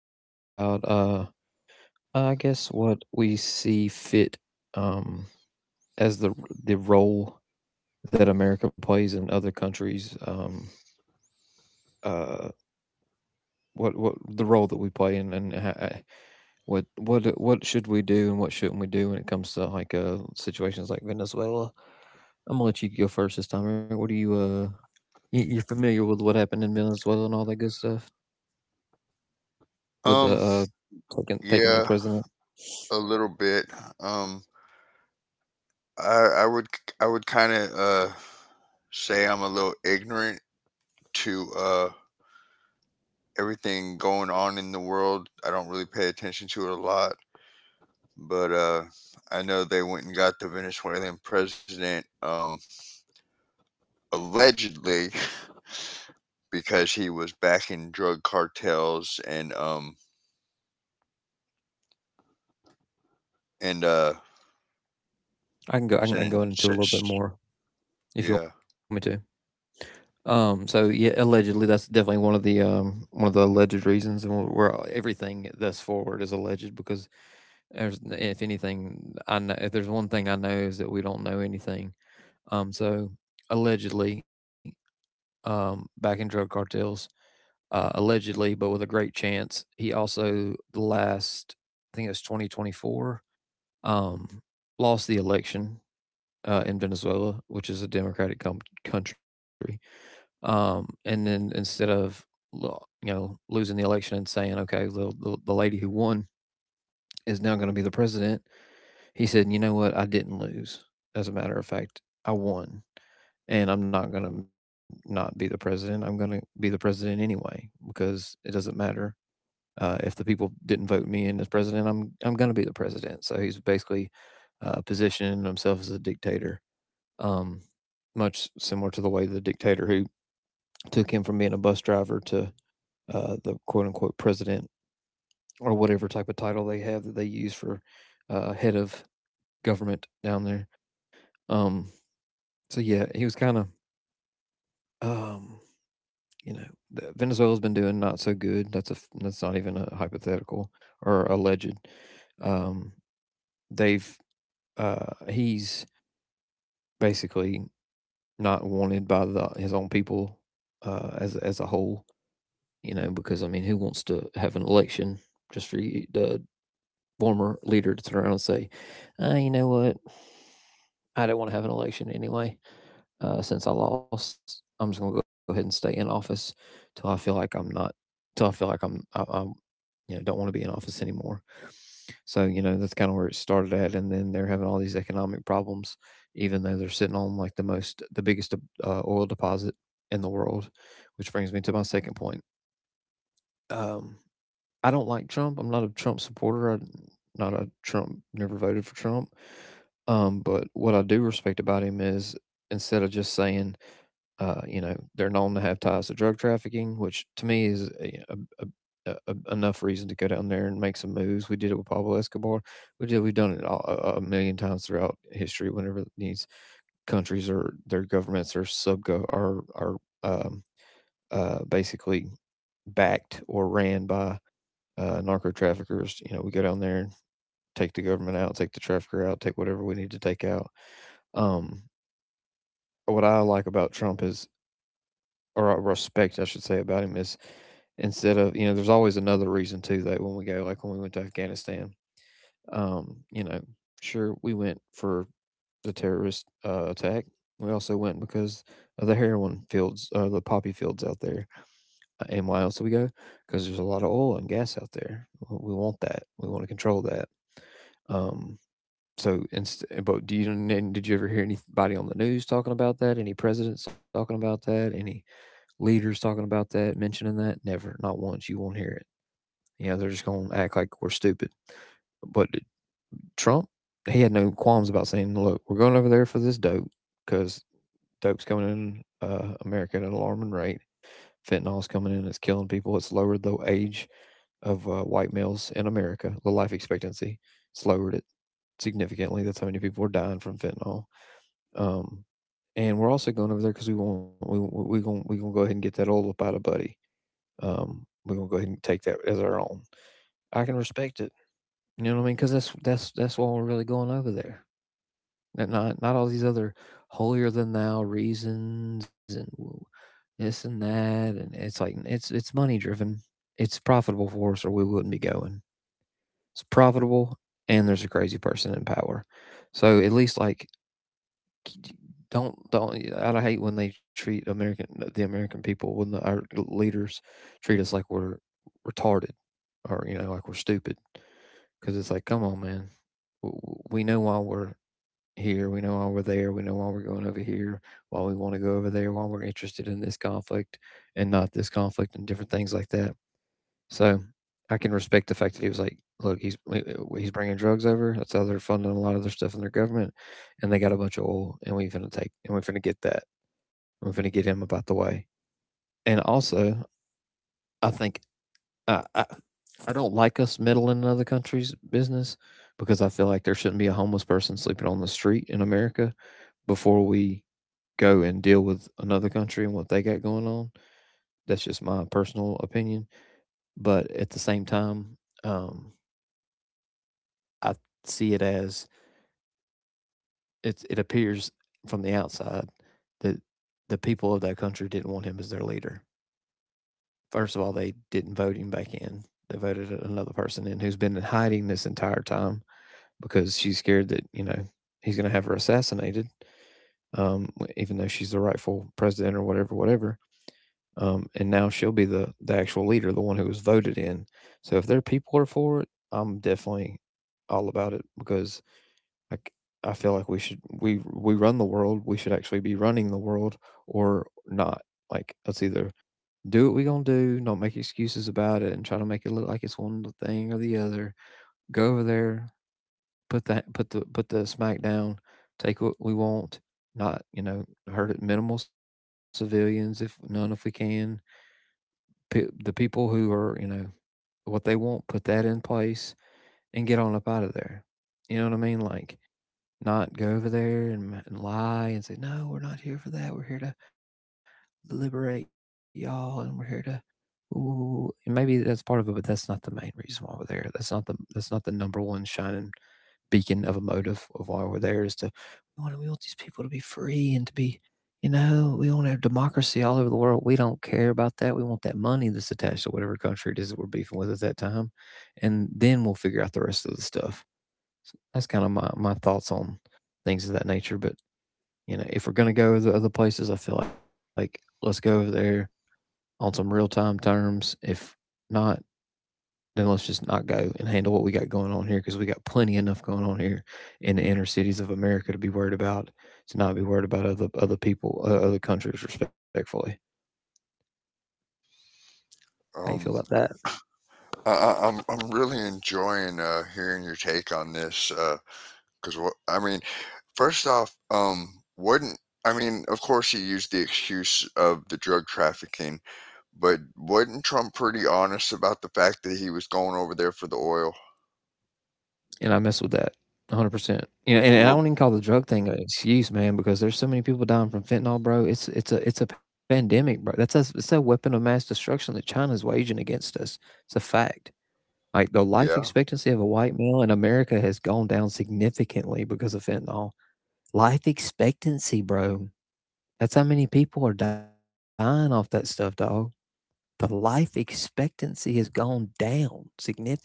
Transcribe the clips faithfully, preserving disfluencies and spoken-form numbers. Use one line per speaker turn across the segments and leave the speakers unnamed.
this time about, uh, I guess, what we see fit um, as the the role that America plays in other countries. Um, uh, what what the role that we play and and ha- what what what should we do and what shouldn't we do when it comes to like uh situations like Venezuela? I'm gonna let you go first this time, Eric. What do you uh you, you're familiar with what happened in Venezuela and all that good stuff? With the
Um,
uh taking taking the
yeah,
president.
a little bit. Um, I I would I would kind of uh say I'm a little ignorant to uh everything going on in the world. I don't really pay attention to it a lot, but uh I know they went and got the Venezuelan president um allegedly because he was backing drug cartels and um and uh
I can go I can, I can go
sending s-
into a little bit
s-
more if you
yeah.
want me to. Um so yeah, allegedly that's definitely one of the um one of the alleged reasons, and where everything thus forward is alleged because there's, if anything I know, if there's one thing I know, is that we don't know anything. Um so allegedly, um back in drug cartels, uh, allegedly, but with a great chance. He also the last, I think it was twenty twenty-four, um, lost the election uh, in Venezuela, which is a democratic com- country. Um, and then instead of, you know, losing the election and saying, okay, the the, the lady who won is now going to be the president, he said, you know what, I didn't lose. As a matter of fact, I won, and I'm not going to not be the president. I'm going to be the president anyway because it doesn't matter. Uh, if the people didn't vote me in as president, I'm I'm going to be the president. So he's basically, uh, positioning himself as a dictator, um, much similar to the way the dictator who took him from being a bus driver to, uh, the quote unquote president or whatever type of title they have that they use for, uh, head of government down there. Um, so yeah, he was kind of, um, you know, Venezuela's been doing not so good. That's a, that's not even a hypothetical or alleged. Um, they've, uh, he's basically not wanted by the, his own people, uh, as as a whole. You know, because I mean, who wants to have an election just for you, the former leader, to turn around and say, uh, you know what, I don't want to have an election anyway. Uh, since I lost, I'm just gonna go ahead and stay in office till I feel like I'm not, till I feel like I'm, I, I'm, you know, don't want to be in office anymore. So you know, that's kind of where it started at, and then they're having all these economic problems, even though they're sitting on like the most, the biggest, uh, oil deposit in the world, which brings me to my second point. Um, I don't like Trump. I'm not a Trump supporter. I'm not a Trump, never voted for Trump. Um, but what I do respect about him is, instead of just saying, uh, you know, they're known to have ties to drug trafficking, which to me is a, a, a, a, enough reason to go down there and make some moves. We did it with Pablo Escobar. We did. We've done it all, a a million times throughout history. Whenever these countries or their governments are sub are are um, uh, basically backed or ran by, uh, narco traffickers. You know, we go down there, take the government out, take the trafficker out, take whatever we need to take out. Um, what I like about Trump is, or I respect, I should say, about him is, instead of, you know, there's always another reason too that when we go, like when we went to Afghanistan, um, you know, sure, we went for the terrorist uh, attack. We also went because of the heroin fields, uh, the poppy fields out there, uh, and why else do we go? Because there's a lot of oil and gas out there. We want that. We want to control that. Um, so, inst- eh, but do you, and did you ever hear anybody on the news talking about that? Any presidents talking about that? Any leaders talking about that? Mentioning that? Never, not once. You won't hear it. You know, they're just going to act like we're stupid. But Trump, he had no qualms about saying, "Look, we're going over there for this dope because dope's coming in, uh, America at an alarming rate. Fentanyl's coming in. It's killing people. It's lowered the age of, uh, white males in America. The life expectancy, it's lowered it significantly. That's how many people are dying from fentanyl. Um, and we're also going over there because we want we we going we gonna go ahead and get that old up out of Buddy. Um, we're gonna go ahead and take that as our own. I can respect it. You know what I mean? Because that's that's that's why we're really going over there. And not not all these other holier than thou reasons and this and that. And it's like it's it's money driven. It's profitable for us, or we wouldn't be going. It's profitable, and there's a crazy person in power. So at least like do d- don't don't, I hate when they treat American, uh, the American people, when the, our leaders treat us like we're retarded, or you know, like we're stupid, because it's like, come on man, we know why we're here, we know why we're there, we know why we're going over here, why we want to go over there, why we're interested in this conflict and not this conflict and different things like that. So I can respect the fact that he was like, "Look, he's, uh, he's bringing drugs over. That's how they're funding a lot of their stuff in their government, and they got a bunch of oil, and we finna take, and we finna get that, and we finna get him about the way." And also, I think, uh, I I don't like us meddling in other countries' business because I feel like there shouldn't be a homeless person sleeping on the street in America before we go and deal with another country and what they got going on. That's just my personal opinion, but at the same time, um, I see it as, it's, it appears from the outside that the people of that country didn't want him as their leader. First of all, they didn't vote him back in. They voted another person in who's been in hiding this entire time because she's scared that, you know, he's going to have her assassinated, um, even though she's the rightful president or whatever, whatever. Um, and now she'll be the the actual leader, the one who was voted in. So if their people are for it, I'm definitely all about it because I I feel like we should, we we run the world. We should actually be running the world, or not. Like let's either do what we gonna do, not make excuses about it, and try to make it look like it's one thing or the other. Go over there, put that put the put the smack down, take what we want. Not, you know, hurt minimal civilians if none if we can. P- the people who are, you know, what they want, put that in place and get on up out of there. You know what I mean? Like not go over there and, and lie and say, no, we're not here for that. We're here to liberate y'all and we're here to. Ooh, and maybe that's part of it, but that's not the main reason why we're there. That's not the that's not the number one shining beacon of a motive of why we're there. Is to, we want we want these people to be free and to be, you know, we want to have democracy all over the world. We don't care about that. We want that money that's attached to whatever country it is that we're beefing with at that time, and then we'll figure out the rest of the stuff. So that's kind of my, my thoughts on things of that nature. But you know, if we're gonna go to other places, I feel like let's go over there on some real time terms. If not, then let's just not go and handle what we got going on here because we got plenty enough going on here in the inner cities of America to be worried about. To not be worried about other other people, uh, other countries, respectfully. How you feel about
Um
that?
I, I- I'm I'm really enjoying uh, hearing your take on this because what I mean, first off, um, wouldn't I mean, of course, he used the excuse of the drug trafficking, but wasn't Trump pretty honest about the fact that he was going over there for the oil?
And I mess with that one hundred percent. You know, and, and I
Well,
don't even call the drug thing an excuse, man, because there's so many people dying from fentanyl, bro. It's it's a it's a pandemic, bro. That's a it's a weapon of mass destruction that China's waging against us. It's a fact. Like the
yeah,
life expectancy of a white male in America has gone down significantly because of fentanyl. Life expectancy, bro. That's how many people are dying off that stuff, dog. The life expectancy has gone down significantly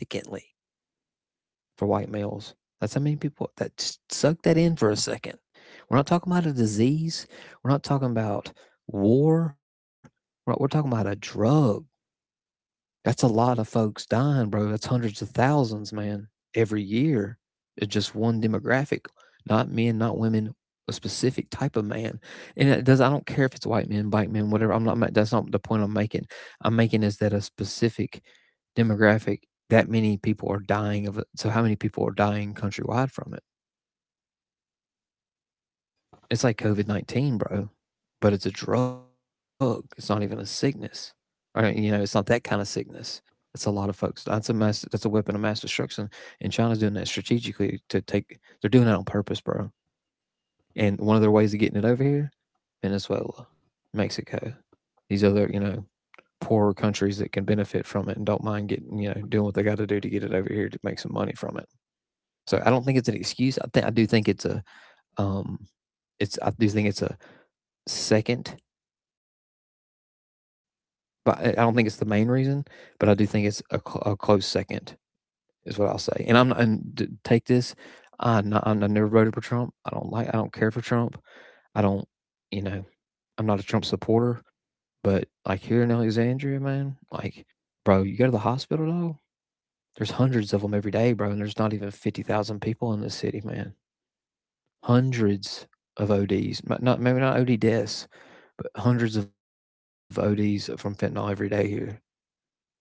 for white males. That's how many people that just suck that in for a second. We're not talking about a disease. We're not talking about war. We're, we're talking about a drug. That's a lot of folks dying, bro. That's hundreds of thousands, man, every year. It's just one demographic, not men, not women, a specific type of man. And it does I don't care if it's white men, black men, whatever. I'm not ma- That's not the point I'm making. I'm making is that a specific demographic that many people are dying of it. So how many people are dying countrywide from it? It's like COVID nineteen, bro, but it's a drug. It's not even a sickness. All right. You know, it's not that kind of sickness. It's a lot of folks. That's a mass, that's a weapon of mass destruction. And China's doing that strategically to take, they're doing that on purpose, bro. And one of their ways of getting it over here, Venezuela, Mexico, these other, you know, poorer countries that can benefit from it and don't mind getting, you know, doing what they got to do to get it over here to make some money from it. So I don't think it's an excuse. I think I do think it's a um it's I do think it's a second. But I I don't think it's the main reason, but I do think it's a, cl- a close second, is what I'll say. And I'm not- and d- Take this. I n- I'm, I never voted for Trump. I don't like. I don't care for Trump. I don't. You know, I'm not a Trump supporter. But like here in Alexandria, man, like, bro, you go to the hospital, though. There's hundreds of them every day, bro, and there's not even fifty thousand people in the city, man. Hundreds of O Ds, m- not maybe not O D deaths, but hundreds of O Ds from fentanyl every day here.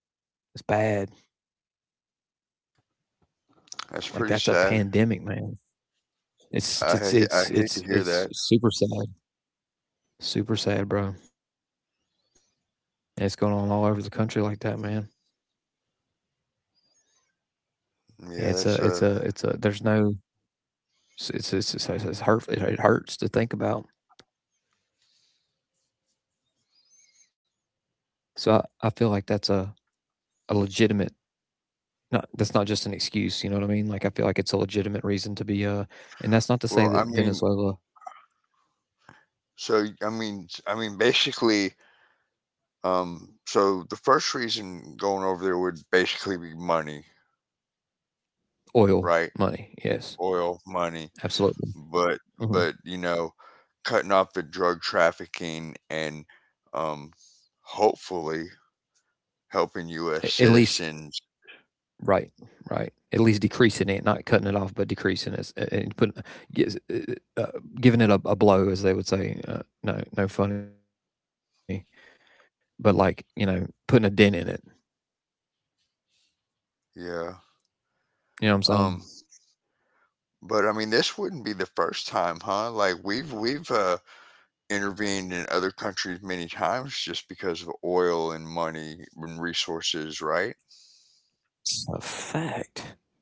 It's bad.
that's pretty
Like, that's a
sad.
pandemic, man.
I
It's
ha- I
it's
hate to
it's
hear that.
it's it's super sad, super sad, bro. And it's going on all over the country like that, man.
Yeah,
Yeah,
that's
it's a
uh,
it's a it's a there's no it's it's it's, it's, it's hurtful. It, it hurts to think about. So I, I feel like that's a a legitimate not that's not just an excuse, you know what I mean? Like I feel like it's a legitimate reason to be uh and that's not to say
well, I
that
mean,
Venezuela
so I mean, s- I mean, basically, um, so the first reason going over there would basically be money,
oil
right?
money. Yes,
Oil money,
absolutely.
but but
Hmm.
you know, cutting off the drug trafficking and um, hopefully helping U S
At
citizens.
least right, right. At least decreasing it, not cutting it off, but decreasing it, uh, and put, gives- uh, uh, giving it a, a blow, as they would say. Uh, no, no funny, but like, you know, putting a dent in it.
Yeah.
You know what I'm saying?
Um, but I mean, this wouldn't be the first time, huh? Like we've we've uh, intervened in other countries many times just because of oil and money and resources, right?
It's a fact.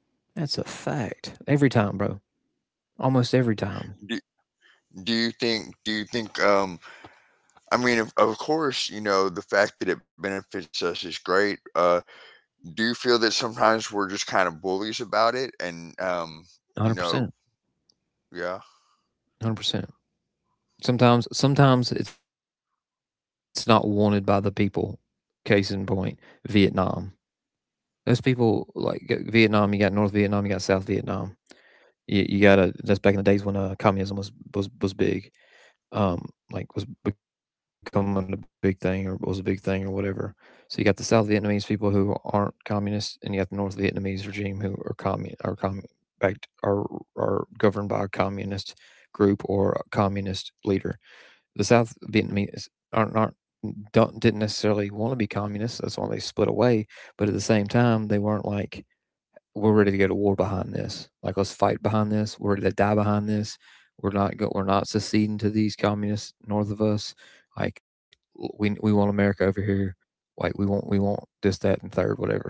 That's a fact. Every time, bro. Almost every
Do,
time.
do you think do you think um I mean, of, of course you know the fact that it benefits us is great. Uh do you feel that sometimes we're just kind of bullies about it? And um you
Hundred
know
percent.
Yeah,
Hundred percent. Sometimes, sometimes it's not wanted by the people. Case in point, Vietnam. Those people like g- Vietnam. You got North Vietnam. You got South Vietnam. You you gotta that's back in the days when, uh, communism was was was big, um, like, was becoming a big thing or was a big thing or whatever. So you got the South Vietnamese people who aren't communists, and you got the North Vietnamese regime who are commu are commu backed are are governed by a communist group or a communist leader. The South Vietnamese aren't aren't don't didn't necessarily wanna be communists, that's why they split away, but at the same time, they weren't, like, we're ready to go to war behind this. Like let's fight behind this. We're ready to die behind this. We're not go- we're not seceding to these communists north of us. Like we we want America over here. Like we want we want this that and third whatever.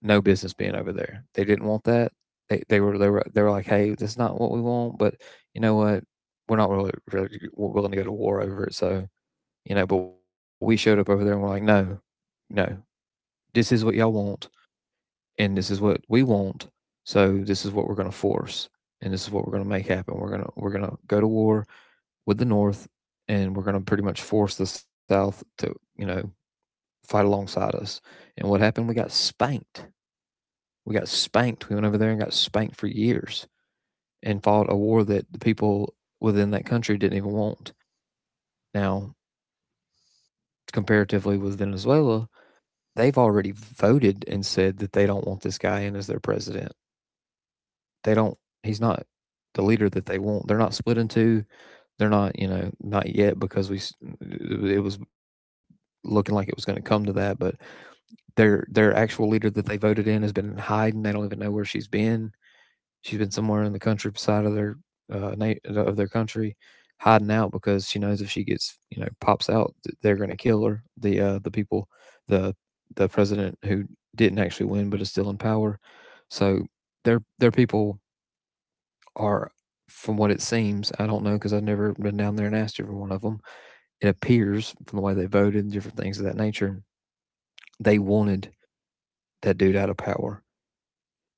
No business being over there. They didn't want that. They they were they were they were like, hey, that's not what we want. But you know what? We're not really really willing to go to war over it. So you know, but we showed up over there and we're like, no, no, this is what y'all want and this is what we want. So this is what we're going to force, and this is what we're going to make happen. We're gonna we're gonna go to war with the North, and we're gonna pretty much force the South to, you know, fight alongside us. And what happened? We got spanked. We got spanked. We went over there and got spanked for years, and fought a war that the people within that country didn't even want. Now, comparatively with Venezuela, they've already voted and said that they don't want this guy in as their president. They don't. He's not the leader that they want. They're not split into. They're not, you know, not yet because we it was looking like it was going to come to that. But their their actual leader that they voted in has been in hiding. They don't even know where she's been. She's been somewhere in the countryside of their uh, of their country, hiding out because she knows if she gets, you know, pops out, they're going to kill her. The uh, the people, the the president who didn't actually win but is still in power. So their their people are, from what it seems, I don't know because I've never been down there and asked every one of them. It appears from the way they voted and different things of that nature, they wanted that dude out of power.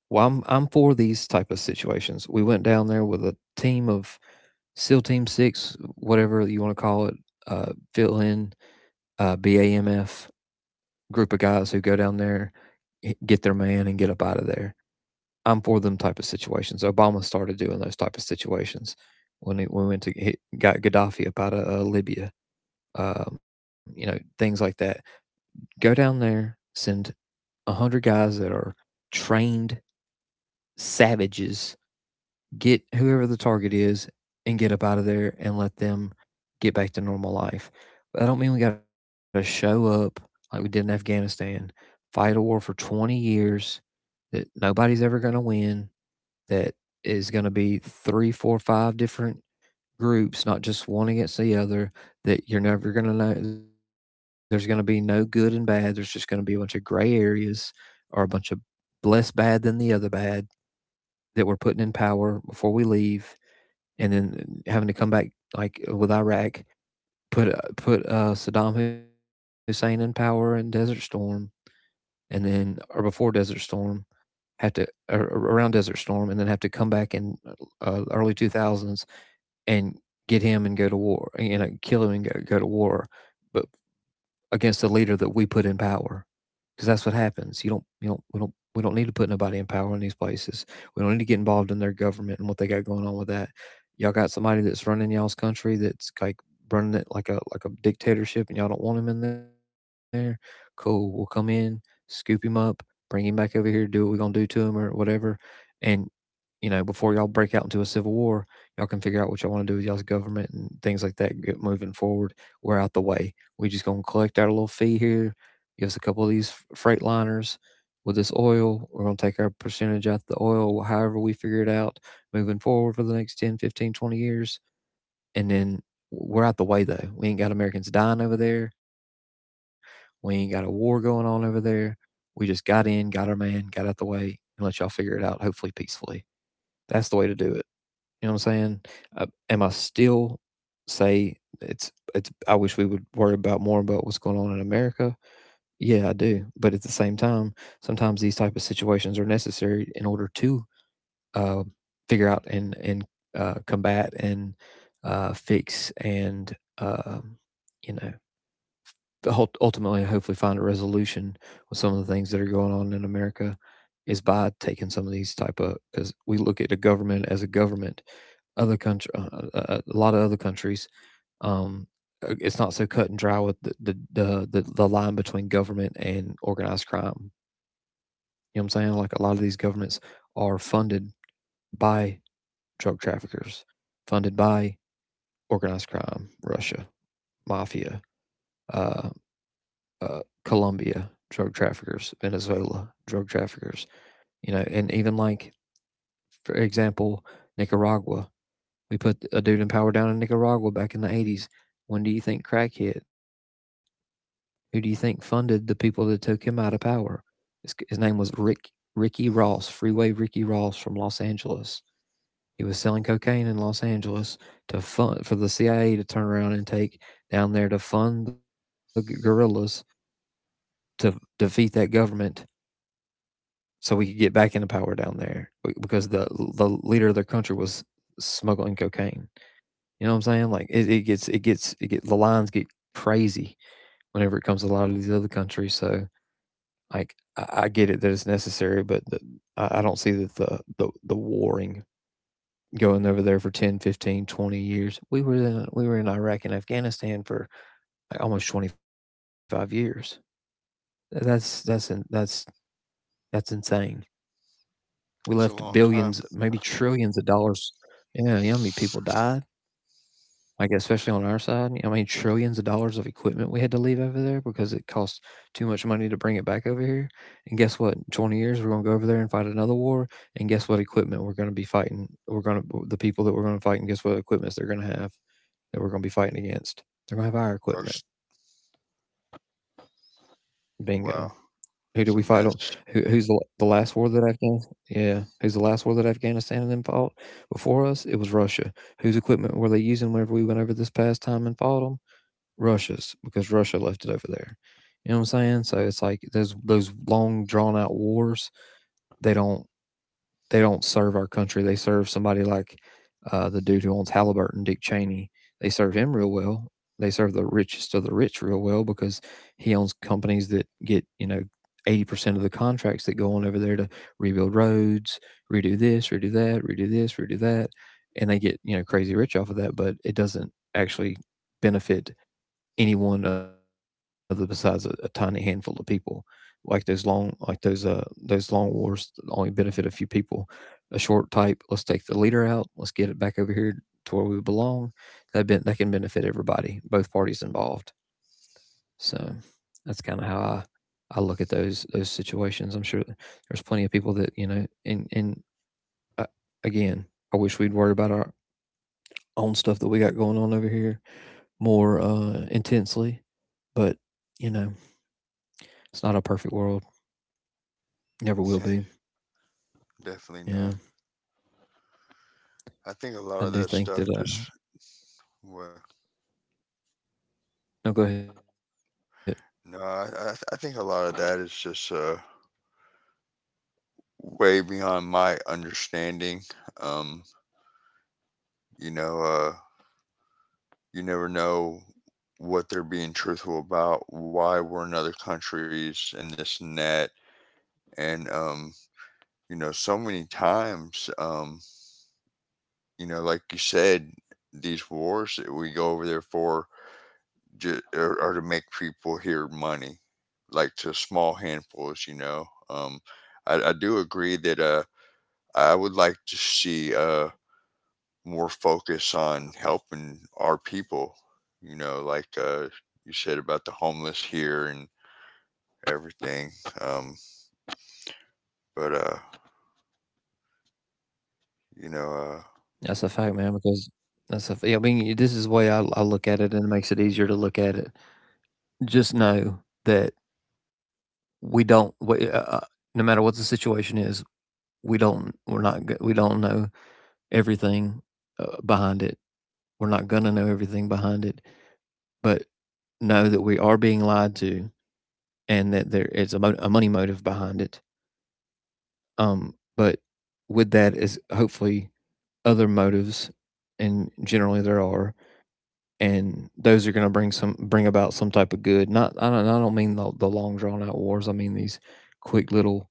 Well, I'm, I'm for these type of situations. We went down there with a team of SEAL Team Six, whatever you want to call it, uh, fill in uh, BAMF group of guys who go down there, get their man, and get up out of there. I'm for them type of situations. Obama started doing those type of situations when it, when we went to hit, got Gaddafi up out of uh, Libya. Um, you know, things like that. Go down there, send a hundred guys that are trained savages. Get whoever the target is and get up out of there and let them get back to normal life. But I don't mean we got to show up like we did in Afghanistan, fight a war for twenty years that nobody's ever going to win that is going to be three, four, five different groups, not just one against the other, that you're never going to know. There's going to be no good and bad. There's just going to be a bunch of gray areas or a bunch of less bad than the other bad that we're putting in power before we leave. And then having to come back, like with Iraq, put, uh, put uh, Saddam Hussein in power in Desert Storm, and then, or before Desert Storm. Have to or around Desert Storm and then have to come back in uh, early two thousands and get him and go to war, you know, kill him and go, go to war, but against a leader that we put in power, because that's what happens. You don't, you don't, we don't, we don't need to put nobody in power in these places. We don't need to get involved in their government and what they got going on with that. Y'all got somebody that's running y'all's country that's like running it like a like a dictatorship, and y'all don't want him in there. Cool, we'll come in, scoop him up, bring him back over here, do what we're gonna do to him or whatever, and you know, before y'all break out into a civil war, y'all can figure out what y'all want to do with y'all's government and things like that get moving forward. We're out the way. We just gonna collect our little fee here. Give us a couple of these freight liners with this oil. We're gonna take our percentage out of the oil, however we figure it out, moving forward for the next ten, fifteen, twenty years. And then we're out the way though. We ain't got Americans dying over there. We ain't got a war going on over there. We just got in, got our man, got out the way, and let y'all figure it out, hopefully peacefully. That's the way to do it. You know what I'm saying? Uh, am I still say it's it's? I wish we would worry about more about what's going on in America. Yeah, I do. But at the same time, sometimes these type of situations are necessary in order to uh, figure out and and uh, combat and uh, fix and um you know ultimately hopefully find a resolution with some of the things that are going on in America is by taking some of these type of because we look at the government as a government. Other country, uh, uh, uh, a lot of other countries, um, uh, it's not so cut and dry with the the, the the the line between government and organized crime. You know what I'm saying? Like a lot of these governments are funded by drug traffickers, funded by organized crime, Russia, mafia, uh, uh, Colombia drug traffickers, Venezuela drug traffickers, you know, and even like for example Nicaragua. We put a dude in power down in Nicaragua back in the eighties. When do you think crack hit? Who do you think funded the people that took him out of power? His, his name was Rick Ricky Ross, Freeway Ricky Ross from Los Angeles. He was selling cocaine in Los Angeles to fund for the C I A to turn around and take down there to fund the guerrillas to defeat that government so we could get back into power down there because the the leader of their country was smuggling cocaine. You know what I'm saying? Like it, it gets it gets it get the lines get crazy whenever it comes to a lot of these other countries. So like I, I get it that it's necessary, but the, I, I don't see that the the the warring going over there for ten, fifteen, twenty years. We were in we were in iraq and afghanistan for like almost twenty-five years. That's that's that's that's insane. We left
it's a
billions,
long time.
maybe trillions of dollars. Yeah, you know how many people died? Like, especially on our side, you know, I mean, trillions of dollars of equipment we had to leave over there because it cost too much money to bring it back over here. And guess what? In twenty years, we're going to go over there and fight another war. And guess what equipment we're going to be fighting? We're going to, the people that we're going to fight, and guess what equipment they're going to have that we're going to be fighting against? They're going to have our
or
equipment.
s-
Bingo. Who do
wow,
we fight on?
it's a
Who, who's the
mess.
the last war that Afghanistan? Yeah, who's the last war that Afghanistan and them fought before us? It was Russia. Whose equipment were they using whenever we went over this past time and fought them? Russia's, because Russia left it over there. You know what I'm saying? So it's like those those long drawn out wars. They don't they don't serve our country. They serve somebody like uh, the dude who owns Halliburton, Dick Cheney. They serve him real well. They serve the richest of the rich real well because he owns companies that get you know eighty percent of the contracts that go on over there to rebuild roads, redo this, redo that, redo this, redo that, and they get you know crazy rich off of that. But it doesn't actually benefit anyone other besides a, a tiny handful of people. Like those long, like those uh those long wars only benefit a few people. A short type, let's take the leader out. Let's get it back over here to where we belong. That ben- that can benefit everybody, both parties involved. So that's kind of how I I look at those those situations. I'm sure there's plenty of people that you know. And and uh, Again, I wish we'd worry about our own stuff that we got going on over here more uh, intensely. But you know, it's not a perfect world. Never will be.
Definitely not.
Yeah.
I think a lot of
I
that
do
stuff
think that, uh
just, well,
no, go ahead.
no I, I th- I think a lot of that is just uh way beyond my understanding. um you know, uh you never know what they're being truthful about, why we're in other countries and this and that. And um You know, so many times um you know, like you said, these wars that we go over there for ju- are, are to make people here money, like to small handfuls. You know, um, I, I do agree that uh, I would like to see uh, more focus on helping our people. You know, like uh, you said about the homeless here and everything. Um, but uh, you know, uh,
That's a fact, man, because that's a f yeah, I mean, y- this is the way I I look at it, and it makes it easier to look at it. Just know that we don't we, uh uh, no matter what the situation is, we don't we're not go we don't know everything, uh, behind it. We're not gonna know everything behind it, but know that we are being lied to and that there is a mo a money motive behind it. Um, but with that is hopefully other motives, and generally there are, and those are going to bring some bring about some type of good. Not I don't I don't mean the, the long drawn out wars. I mean these quick little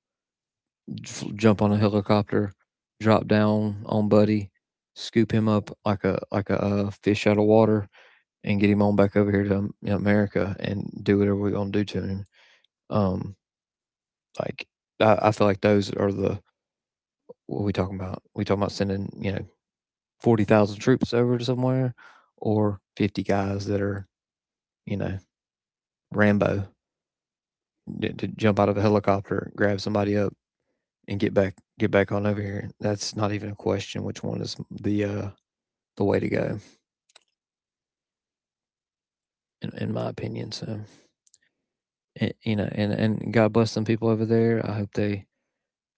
f- jump on a helicopter, drop down on Buddy, scoop him up like a like a, uh fish out of water, and get him on back over here to um, you know, America and do whatever we're gonna do to him. Um, like I, I feel like those are the what we talking about. We talking about sending you know forty thousand troops over to somewhere, or fifty guys that are you know Rambo to, to jump out of a helicopter, grab somebody up, and get back get back on over here. That's not even a question. Which one is the uh, the way to go, in, in my opinion. So, and, you know, and and God bless some people over there. I hope they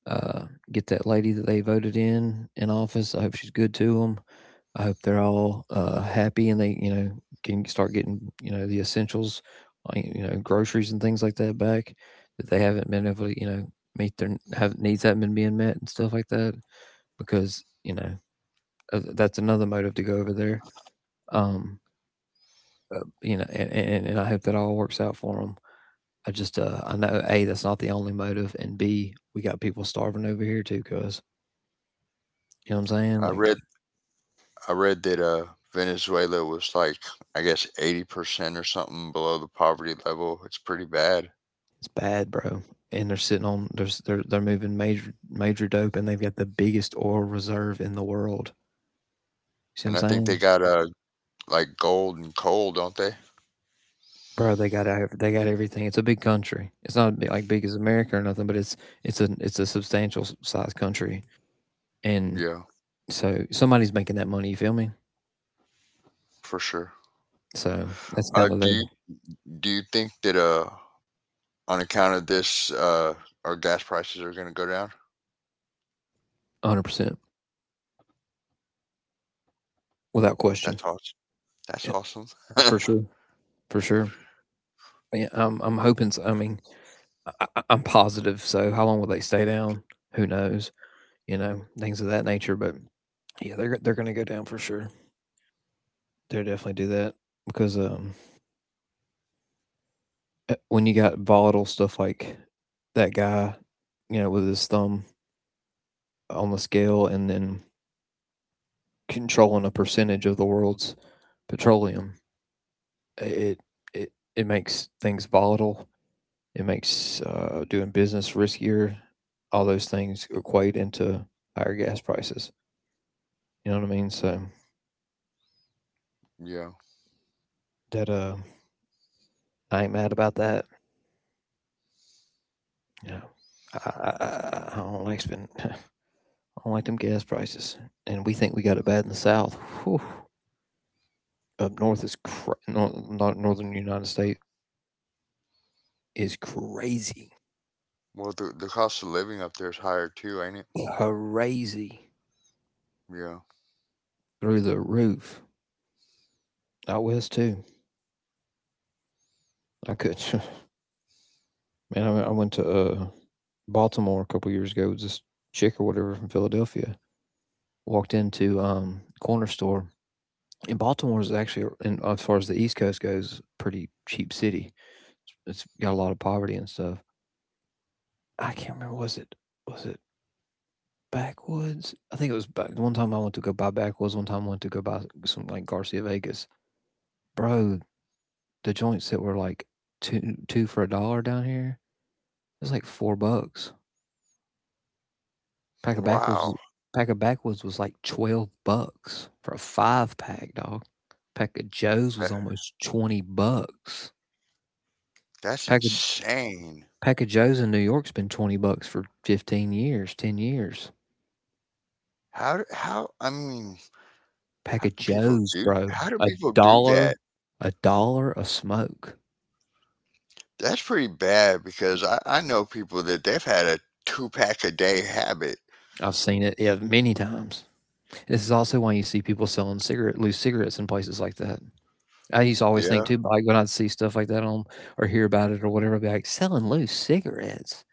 uh, get that lady that they voted in in office. I hope she's good to them. I hope they're all uh, happy and they, you know, can start getting, you know, the essentials, uh, you know, groceries and things like that back that they haven't been able to, you know, meet their have needs haven't been being met and stuff like that because you know uh, that's another motive to go over there. Um, uh, you know, and, and and I hope that all works out for them. I just uh, I know a, that's not the only motive, and b, we got people starving over here too, cause you know what I'm saying,
I
like
read I read that uh, Venezuela was like, I guess, eighty percent or something below the poverty level. It's pretty bad.
it's bad, bro. And they're sitting on there's they're they're moving major major dope, and they've got the biggest oil reserve in the world. See what
And
I'm
I think they
saying,
got uh, like gold and coal, don't they?
bro? They got ev- they got everything. It's a big country. It's not bi- like big as America or nothing, but it's it's a it's a substantial s- size country, and
Yeah,
so somebody's making that money. You feel me?
for sure.
So that's
Uh,
kind of
do
their
you do you think that uh, on account of this, uh, our gas prices are going to go down?
one hundred percent without question.
That's awesome. That's
Yeah,
awesome.
for sure, for sure. Yeah, I'm I'm hoping. So, I mean, I, I- I'm positive. So how long will they stay down? Who knows? You know, things of that nature. But yeah, they're they're going to go down for sure. They'll definitely do that because um, uh, when you got volatile stuff like that guy, you know, with his thumb on the scale and then controlling a percentage of the world's petroleum, it it it makes things volatile. It makes uh, doing business riskier. All those things equate into higher gas prices. You know what I mean? So
Yeah.
that uh, I ain't mad about that. Yeah. I, I, I- I don't like spending. I don't like them gas prices, and we think we got it bad in the South. Whew. Up north is cra- nor- Northern United States is crazy,
Well, the the cost of living up there is higher too, ain't it?
crazy
Yeah.
through the roof. Out west too. I could, man. I, I went to uh, Baltimore a couple years ago. This chick or whatever from Philadelphia walked into um corner store. And Baltimore is actually, uh, in, as far as the East Coast goes, pretty cheap city. It's got a lot of poverty and stuff. I can't remember. Was it was it Backwoods? I think it was back. One time I went to go buy Backwoods. One time I went to go buy some like Garcia Vegas. Bro, the joints that were like two two for a dollar down here. It's like four bucks. Pack of
Wow.
Backwoods. Pack of Backwoods was like twelve bucks for a five pack, dog. Pack of
That,
Joe's was almost twenty bucks.
that's
Pack of
insane.
Pack of Joes in New York's been twenty bucks for fifteen years, ten years.
How d- how I mean, how
Pack of
do people
Joes,
do,
bro.
how do
A
people do
dollar,
that?
a dollar a smoke.
That's pretty bad because I, I know people that they've had a two pack a day habit.
I've seen it, yeah, many times. This is also why you see people selling cigarette loose cigarettes in places like that. I used to always think
Yeah,
too, like when I'd see stuff like that on or hear about it or whatever, I'd be like, selling loose cigarettes.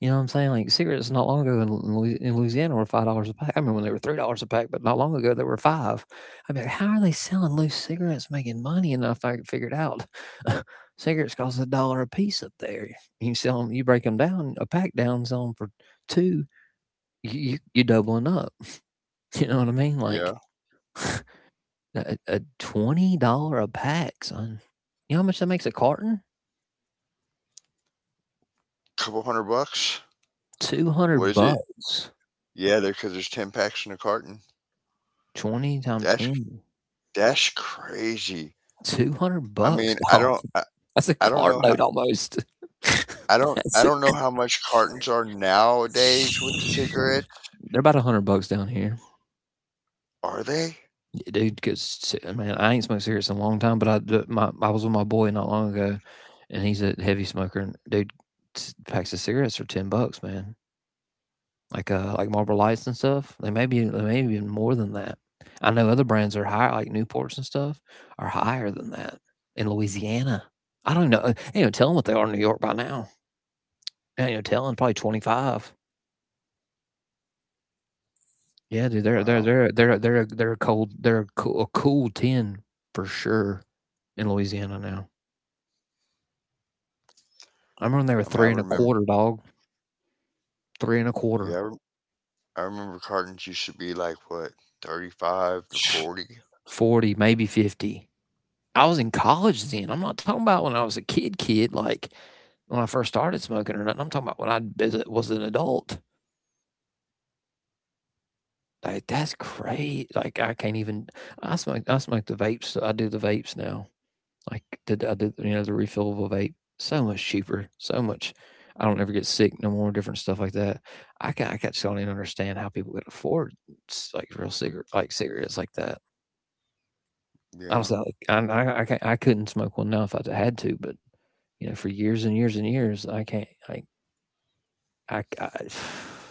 You know what I'm saying? Like cigarettes not long ago in, in Louisiana were five dollars a pack. I remember when they were three dollars a pack, but not long ago they were five. I mean, how are they selling loose cigarettes, making money? And I fi- figured out, cigarettes cost a dollar a piece up there. You sell them, you break them down, a pack down, sell them for two. You you you're doubling up. You know what I mean?
yeah.
Like a, a twenty dollar a pack, son. You know how much that makes a carton?
Couple hundred bucks.
Two
What
hundred
is it?
bucks.
Yeah, there because there's ten packs in a carton.
Twenty times
That's
ten.
that's crazy.
Two hundred
I
bucks,
mean, I
dog.
don't I,
That's a
I don't
car
know
note
how.
almost.
I don't I
That's a.
don't know how much cartons are nowadays with the cigarettes.
They're about a hundred bucks down here.
Are they?
Yeah, dude. Cause man, I ain't smoked cigarettes in a long time, but I d- my I was with my boy not long ago, and he's a heavy smoker. And dude, s- packs of cigarettes are ten bucks, man. Like uh, like Marlboro Lights and stuff. They may be they may be even more than that. I know other brands are higher, like Newports and stuff, are higher than that in Louisiana. I don't even know. Ain't no telling what they are in New York by now. Ain't no telling. Probably twenty five. Yeah, dude, they're they're
Wow.
they're they're they're they're a cold they're a cool, a cool ten for sure in Louisiana now. I remember
I
when
mean,
they
I
were three and
remember.
a quarter, dog, three and a
Yeah, I rem-
quarter,
I remember cartons used to be like what, thirty-five to forty?
forty, maybe fifty. I was in college then. I'm not talking about when I was a kid, kid, like when I first started smoking or nothing. I'm talking about when I bis- was an adult. Like that's great. Like I can't even. I smoke. I smoke the vapes. I do the vapes now. Like did I did you know the refillable vape so much cheaper, so much. I don't ever get sick no more. Different stuff like that. I can I just don't even understand how people could afford s- like real cigarette like cigarettes like that.
Yeah.
Honestly, I don't like I I I, can't, I couldn't smoke one now if I had to, but you know for years and years and years I can't like I, I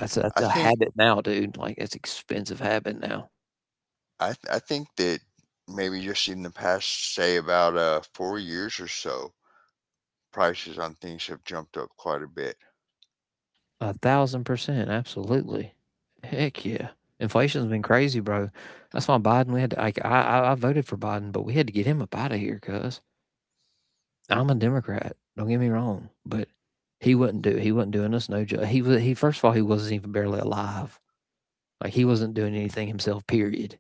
that's a, that's
I
a
think
habit now, dude. Like it's expensive habit now.
I th- I think that maybe just in the past say about uh four years or so, prices on things have jumped up quite a bit.
A thousand percent, absolutely. Heck yeah, inflation's been crazy, bro. That's why Biden. We had to. Like, I, I I voted for Biden, but we had to get him up out of here, cuz I'm a Democrat. Don't get me wrong, but he wouldn't do. He wasn't doing us no ju- He was. He first of all, he wasn't even barely alive. Like he wasn't doing anything himself. Period.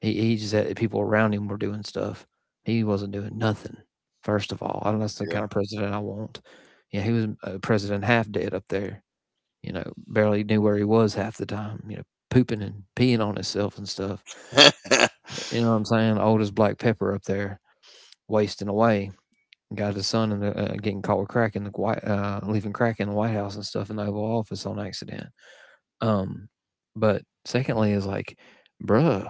He he just had people around him were doing stuff. He wasn't doing nothing. First of all, I don't know. That's the
Yeah,
kind of president I want. Yeah, he was a president half dead up there, you know, barely knew where he was half the time, you know, pooping and peeing on himself and stuff. You know what I'm saying? Old as black pepper up there, wasting away. Got his son in the, uh, getting caught with crack in the White, uh, leaving crack in the White House and stuff in the Oval Office on accident. Um, but secondly, is like, bruh,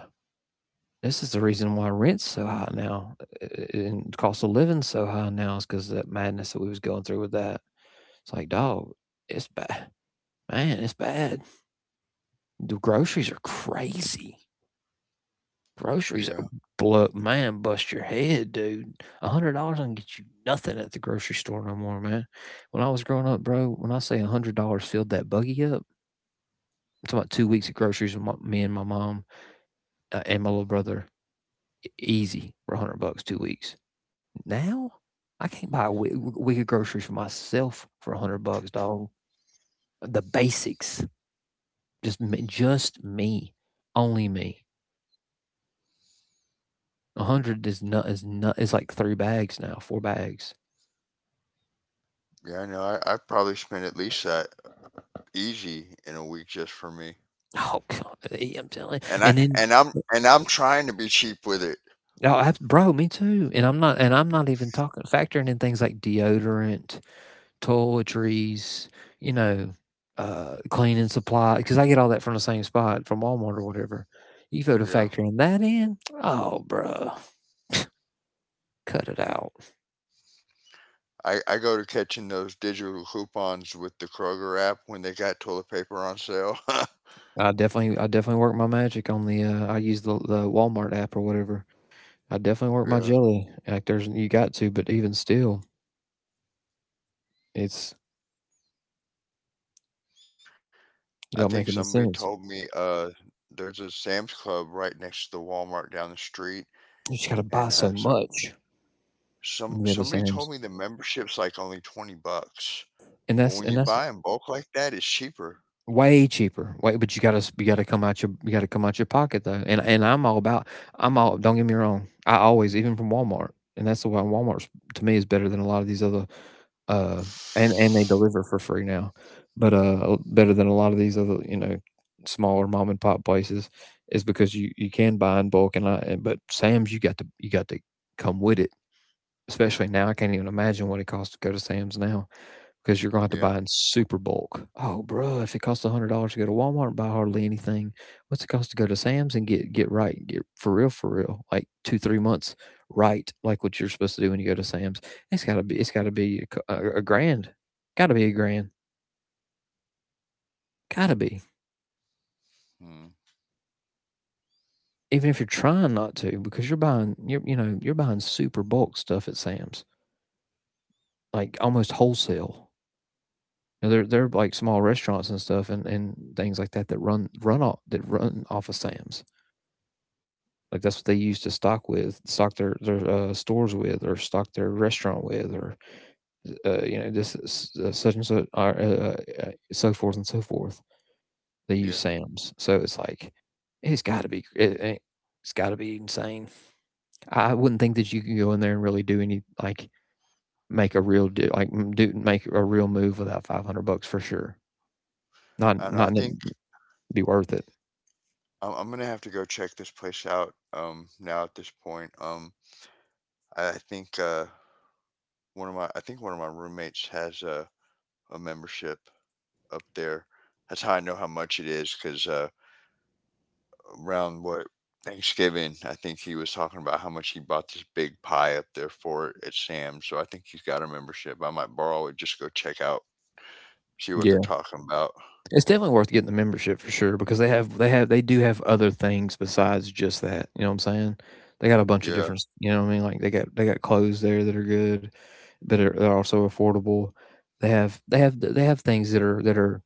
this is the reason why rent's so high now, uh, uh, and cost of living so high now is because of that madness that we was going through with that. It's like, dog, it's bad, man, it's bad. The groceries are crazy. Groceries are
yeah,
blow, man, bust your head, dude. A hundred dollars don't get you nothing at the grocery store no more, man. When I was growing up, bro, when I say a hundred dollars filled that buggy up, I'm talking about two weeks of groceries with my, me and my mom uh, and my little brother. e- Easy for a hundred bucks, two weeks. Now I can't buy a wee- week of groceries for myself for a hundred bucks, dog. The basics, just me, just me, only me. A hundred is not is not is like three bags now, four bags.
yeah. I know. I, I probably spent at least that easy in a week just for me.
Oh god, eh, I'm telling,
And
and
I
then
and I'm, and I'm trying to be cheap with it.
oh, abs bro, me too, and I'm not and I'm not even talking factoring in things like deodorant, toiletries, you know, uh, cleaning supply, because I get all that from the same spot, from Walmart or whatever. You go to
Yeah.
factoring that in, oh, bro, cut it out.
I, I go to catching those digital coupons with the Kroger app when they got toilet paper on sale.
I definitely I definitely work my magic on the, uh, I use the the Walmart app or whatever. I definitely work my
Yeah.
jelly, like, there's you got to, but even still it's
I
you
think
don't make any
somebody
sense.
told me uh there's a Sam's Club right next to the Walmart down the street,
You just gotta
and
buy so
uh, so,
much
some
when you go to
somebody told
Sam's,
me the membership's like only twenty bucks.
and
But
that's
when
and
you
that's
buy in bulk like that, it's cheaper.
way cheaper. Way, but you gotta you gotta come out your you gotta come out your pocket though. And and I'm all about I'm all. Don't get me wrong. I always even from Walmart, and that's the why Walmart to me is better than a lot of these other uh and and they deliver for free now, but uh better than a lot of these other, you know, smaller mom and pop places is because you you can buy in bulk and I and- but Sam's you got to you got to come with it. Especially now, I can't even imagine what it costs to go to Sam's now because you're going to have to buy in
Yeah,
super bulk. Oh, bro! If it costs a hundred dollars to go to Walmart and buy hardly anything, what's it cost to go to Sam's and get get right, get for real, for real, like two, three months right, like what you're supposed to do when you go to Sam's? It's gotta be, it's gotta be a, a, a grand, gotta be a grand, gotta be.
mm,
Even if you're trying not to, because you're buying, you're, you know, you're buying super bulk stuff at Sam's, like almost wholesale. You know, they're they're like small restaurants and stuff, and, and things like that that run run off that run off of Sam's. Like that's what they used to stock with, stock their their uh, stores with, or stock their restaurant with, or uh, you know, this uh, such and such, uh, uh, uh, so forth and so forth. They
yeah.
use Sam's, so it's like it's got to be it, it- has got to be insane. I wouldn't think that you can go in there and really do any like make a real do like do make a real move without five hundred bucks for sure.
I
Not
don't know. I
not
think
be worth it.
I'm, I'm gonna have to go check this place out. Um, now at this point, um, I, I think uh one of my I think one of my roommates has a a membership up there. That's how I know how much it is because uh. Around what Thanksgiving, I think he was talking about how much he bought this big pie up there for it at Sam's. So I think he's got a membership. I might borrow it, just go check out, see what they're
Yeah,
talking about.
it's definitely worth getting the membership for sure because they have they have they do have other things besides just that. You know what I'm saying? They got a bunch of
Yeah.
different. s- You know what I mean? Like they got they got clothes there that are good, but are, they're also affordable. They have they have they have things that are that are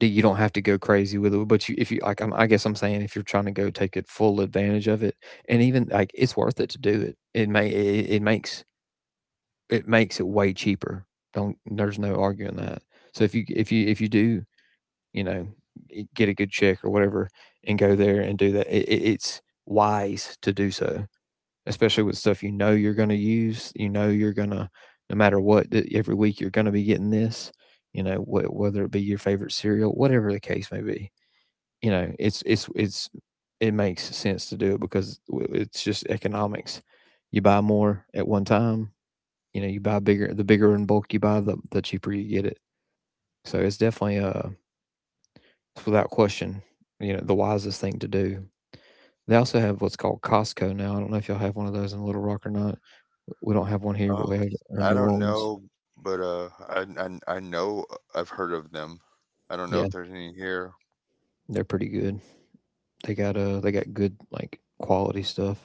that you don't have to go crazy with it. But you if you like, I'm, I guess I'm saying if you're trying to go take it full advantage of it, and even like it's worth it to do it. It may it, it makes it makes it way cheaper. Don't there's no arguing that. So if you if you if you do, you know, e, get a good check or whatever and go there and do that, it, it's wise to do so, especially with stuff you know you're going to use. You know you're gonna no matter what every week you're going to be getting this. You know wh- whether it be your favorite cereal, whatever the case may be. You know it's it's it's it makes sense to do it because it's just economics. You buy more at one time, you know, you buy bigger the bigger in bulk you buy, the the cheaper you get it. So it's definitely uh without question, you know, the wisest thing to do. They also have what's called Costco now. I don't know if y'all have one of those in Little Rock or not. We don't have one here, but we
Um,
have it in
I
New
don't
Orleans.
know, but uh, I, I I know, uh, I've heard of them. I don't know
Yeah,
if there's any here.
they're pretty good. They got uh they got good like quality stuff,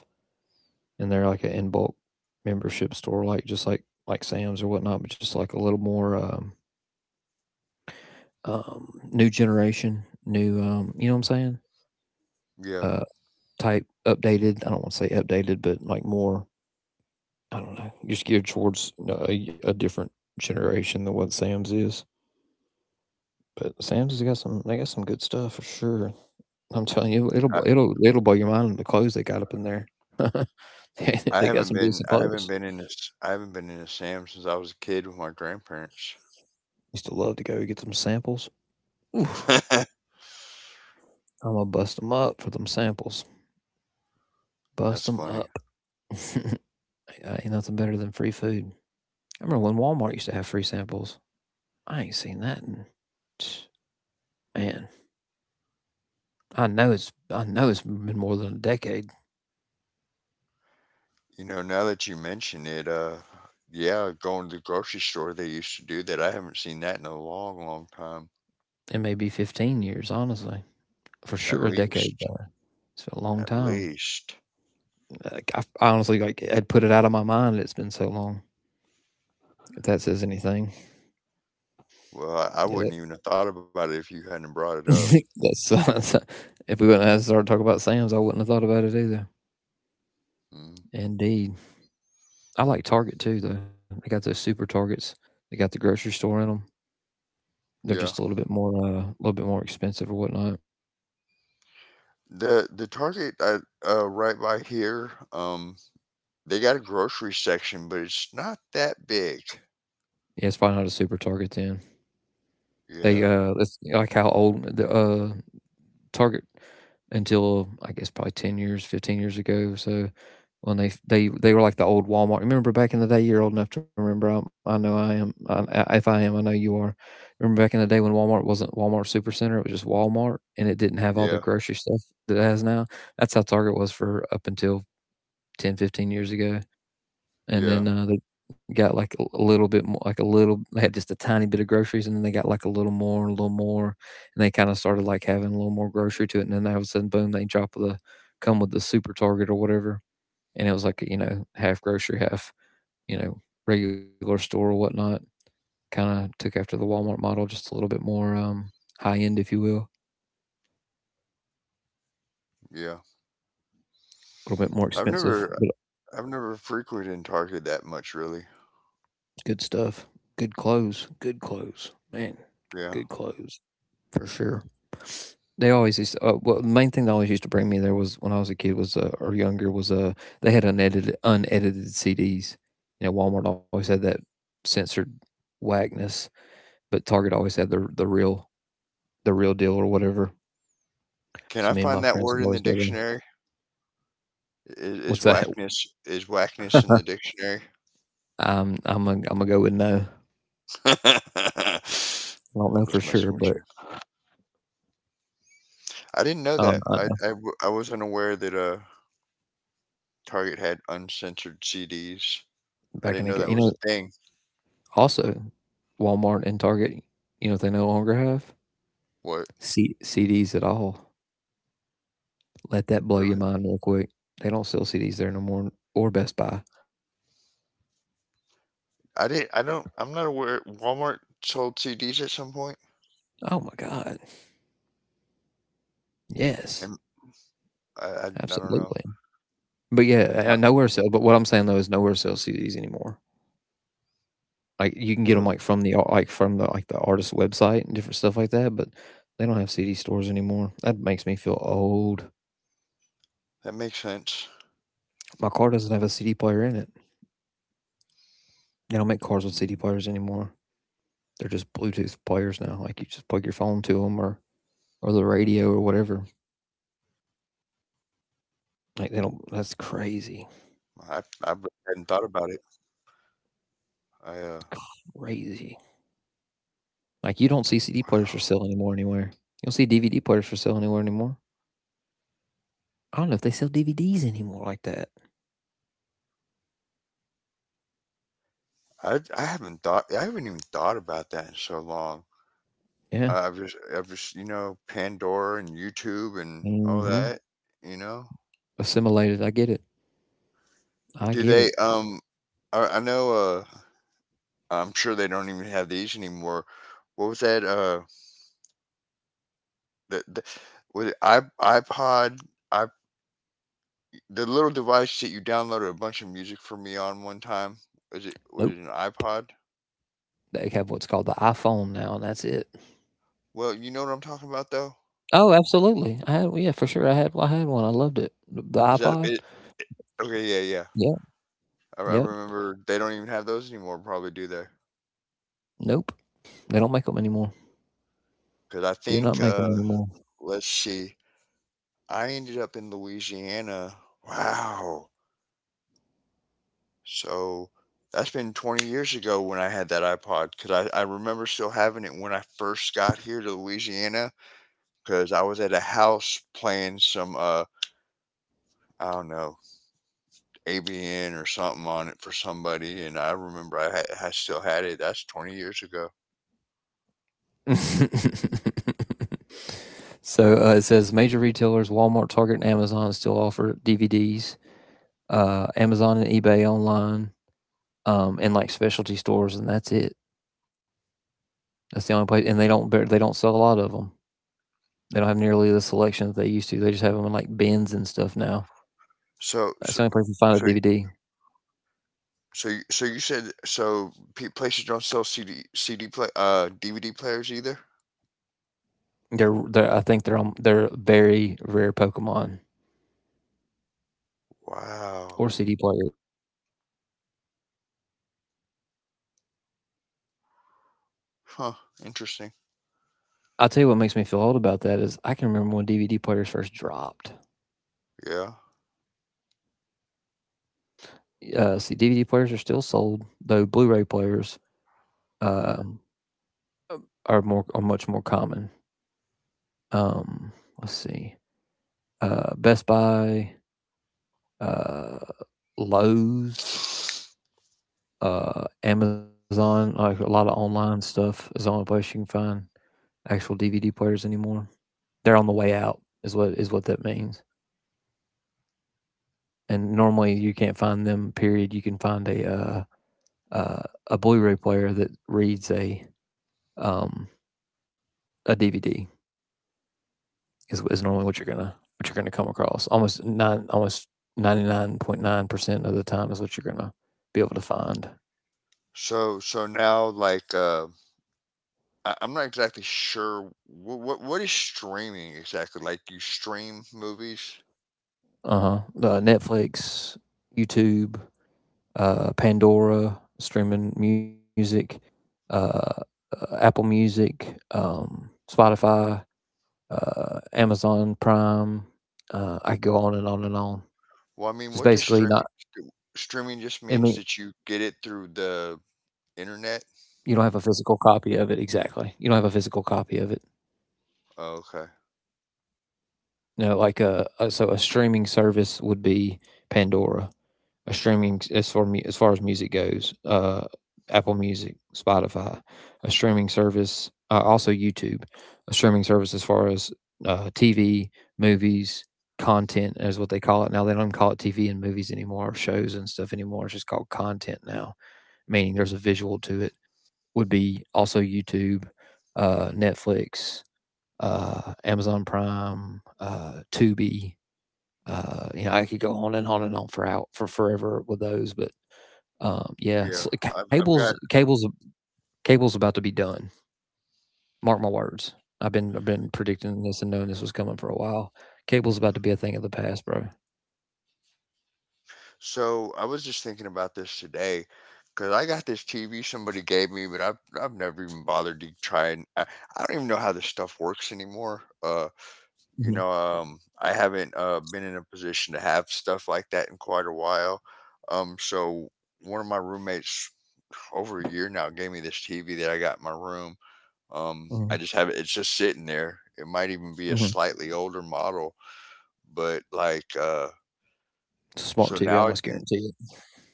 and they're like an in bulk membership store, like just like like Sam's or whatnot, but just like a little more um um new generation, new um you know what I'm saying?
Yeah.
Uh Type updated. I don't want to say updated, but like more, I don't know, just geared towards, you know, a, a different generation than what Sam's is. But Sam's has got some, they got some good stuff for sure. I'm telling you,
I,
it'll it'll it'll blow your mind on the clothes they got up in there. they
I
they got
haven't
some
been
decent
I haven't
clothes.
been in a s- I haven't been in a Sam since I was a kid with my grandparents.
Used to love to go get them samples. Oof, I'm gonna bust them up for them samples. Bust
That's
them
funny.
up. Ain't nothing better than free food. I remember when Walmart used to have free samples. I ain't seen that in, man. I know it's I know it's been more than a decade.
You know, now that you mention it, uh, yeah, going to the grocery store, they used to do that. I haven't seen that in a long, long time.
It may be fifteen years, honestly. For
At
sure a decade
least,
there. It's a long
at
time.
least.
Like I, I honestly like had put it out of my mind, it's been so long. If that says anything.
Well, I, I
Yeah.
wouldn't even have thought about it if you hadn't brought it up.
that- that's, that's if we wouldn't have started talking about Sam's, I wouldn't have thought about it either.
Mm,
Indeed. I like Target too, though. They got those super targets. They got the grocery store in them. They're just a
yeah.
little bit more uh a little bit more expensive or whatnot.
The the Target I, uh, right by here, um, they got a grocery section, but it's not that big.
Yeah, it's probably not a super target then. They
Yeah,
uh, that's like how old the uh Target until, I guess, probably ten years, fifteen years ago. So when they f- they they were like the old Walmart. Remember back in the day? You're old enough to remember. I, I know I am. I, I- if I am, I know you are. Remember back in the day when Walmart wasn't Walmart Supercenter? It was just Walmart, and it didn't have all the
yeah,
grocery stuff that it has now. That's how Target was for up until ten, fifteen years ago. And then,
yeah,
uh, they got, like, a a little bit more, like, a little they had just a tiny bit of groceries, and then they got, like, a little more, a little more, and they kinda started, like, having a little more grocery to it, and then all of a sudden, boom, they drop the come with the Super Target or whatever, and it was, like, you know, half grocery, half, you know, regular store or whatnot. Kinda took after the Walmart model, just a little bit more, um, high-end, if you will.
yeah.
A little bit more
I've never,
expensive, but
I've never frequented Target that much, really.
good stuff. Good clothes, good clothes. Man,
Yeah.
good clothes. For sure. They always used. To, uh, Well, the main thing they always used to bring me there, was when I was a kid, was uh, or younger, was uh they had unedited unedited C Ds. You know, Walmart always had that censored whackness, but Target always had the the real the real deal or whatever.
Can
So
I
me and
find
my
that
friends
word
would
in the
always go there.
dictionary? Is is
What's that?
whackness is whackness in the dictionary?
I'm I'm gonna, I'm gonna go with no. I don't
I'm
know
just
for
messing
sure,
with you.
but
I didn't know
um,
that.
I
I
know.
I w- I wasn't aware that uh Target had uncensored C Ds. I
Back
didn't
in the
know
day,
that
you
was
know,
a thing.
also Walmart and Target, you know what they no longer have?
What?
C- CDs at all. Let that blow your
Really?
mind real quick. They don't sell C Ds there no more, or Best Buy.
I did I don't I'm not aware Walmart sold C Ds at some point,
Oh my God. Yes,
and I I, I don't know.
absolutely. But yeah,
Uh,
uh, nowhere sell. But what I'm saying, though, is nowhere sells C Ds anymore. Like, you can get them
Well,
like from the like from the like the artist website and different stuff like that. But they don't have C D stores anymore. That makes me feel old.
that makes sense.
My car doesn't have a C D player in it. They don't make cars with
Mm.
C D players anymore. They're just Bluetooth players now. Like, you just plug your phone to them, or or the radio, or whatever. Like, they don't. That's
I I
crazy.
re- hadn't thought about it. I uh
Crazy. Like, you don't see
Wow.
C D players for sale anymore anywhere. You don't see D V D players for sale anywhere anymore. I don't know if they sell D V Ds anymore like that.
I I haven't thought I haven't even thought about that in so long.
Yeah.
Uh, I've just, I've just, you know, Pandora and YouTube and all
Mm-hmm.
that. You know,
Assimilated. I get it.
do
I get
they?
it.
Um, I, I know. Uh, I'm sure they don't even have these anymore. What was that? Uh, the, the, was it I iPod? I The little device that you downloaded a bunch of music for me on one time. Was it was it an
Nope.
iPod?
They have what's called the iPhone now, and that's it.
Well, you know what I'm talking about though.
Oh, absolutely. I had, yeah, for sure. I had, I had one. I loved it. The
Is that
iPod.
it? Okay, yeah, yeah.
Yeah.
I, I
Yep.
remember they don't even have those anymore. Probably do they?
Nope. They don't make them anymore.
Because I
Do not
think.
make them
Uh,
anymore.
let's see. I ended up in Louisiana. Wow. So that's been twenty years ago when I had that iPod because I, I remember still having it when I first got here to Louisiana because I was at a house playing some, uh, I don't know, A B N or something on it for somebody. And I remember I, had, I still had it. That's twenty years ago.
so uh, it says major retailers Walmart, Target, and Amazon still offer D V Ds. Uh, Amazon and eBay online, um, and like specialty stores, and that's it. That's the only place, and they don't they don't sell a lot of them. They don't have nearly the selection that they used to. They just have them in like bins and stuff now.
So, so,
That's the only place you find
so,
a D V D.
so, you- so you said so pe- places don't sell CD, C D play, uh, D V D players either?
They're, they're, I think, they're on, they're very rare Pokemon,
Wow.
or C D players.
Huh. Interesting.
I'll tell you what makes me feel old about that is I can remember when D V D players first dropped.
Yeah.
Uh, see, D V D players are still sold, though Blu-ray players uh, are more are much more common. Um, let's see, uh, Best Buy, uh, Lowe's, uh, Amazon, like a lot of online stuff, is the only place you can find actual D V D players anymore. They're on the way out, is what is what that means. And normally you can't find them. Period. You can find a uh, uh, a Blu-ray player that reads a um, a D V D, is is normally what you're gonna what you're gonna come across. Almost nine, almost ninety nine point nine percent of the time is what you're gonna be able to find.
So, so now like uh, I, I'm not exactly sure what what what is streaming exactly? Like you stream movies?
Uh-huh. Uh Netflix, YouTube, uh, Pandora, streaming music, uh, uh, Apple Music, um, Spotify, uh, Amazon Prime. Uh, I go on and on and on.
Well, I mean,
Just
what does
basically
streaming
not.
do? Streaming just means
I mean,
that you get it through the internet.
you don't have a physical copy of it exactly. You don't have a physical copy of it.
Oh, okay.
No, like a, a so a streaming service would be Pandora. A streaming, as far mu- as far as music goes, uh, Apple Music, Spotify, a streaming service, uh, also YouTube, a streaming service as far as uh, T V, movies, content is what they call it now. They don't even call it T V and movies anymore, or shows and stuff anymore. It's just called content now, meaning there's a visual to it. Would be also YouTube, uh, Netflix, uh, Amazon Prime, uh, Tubi, uh, you know, I could go on and on and on for out for forever with those, but um, yeah,
Yeah.
s
I've I've got
cables, cables, cables about to be done. Mark my words. I've been I've been predicting this and knowing this was coming for a while. Cable's about to be a thing of the past, bro.
So I was just thinking about this today because I got this T V somebody gave me, but I've I've never even bothered to try, and I, I don't even know how this stuff works anymore. Uh, you
Mm.
know, um I haven't uh been in a position to have stuff like that in quite a while, um so one of my roommates over a year now gave me this TV that I got in my room. um I
Mhm,
just have it, it's just sitting there. It might even be a
mhm, mhm.
slightly older model, but like uh so
Smart T V,
now it-
almost guarantee it.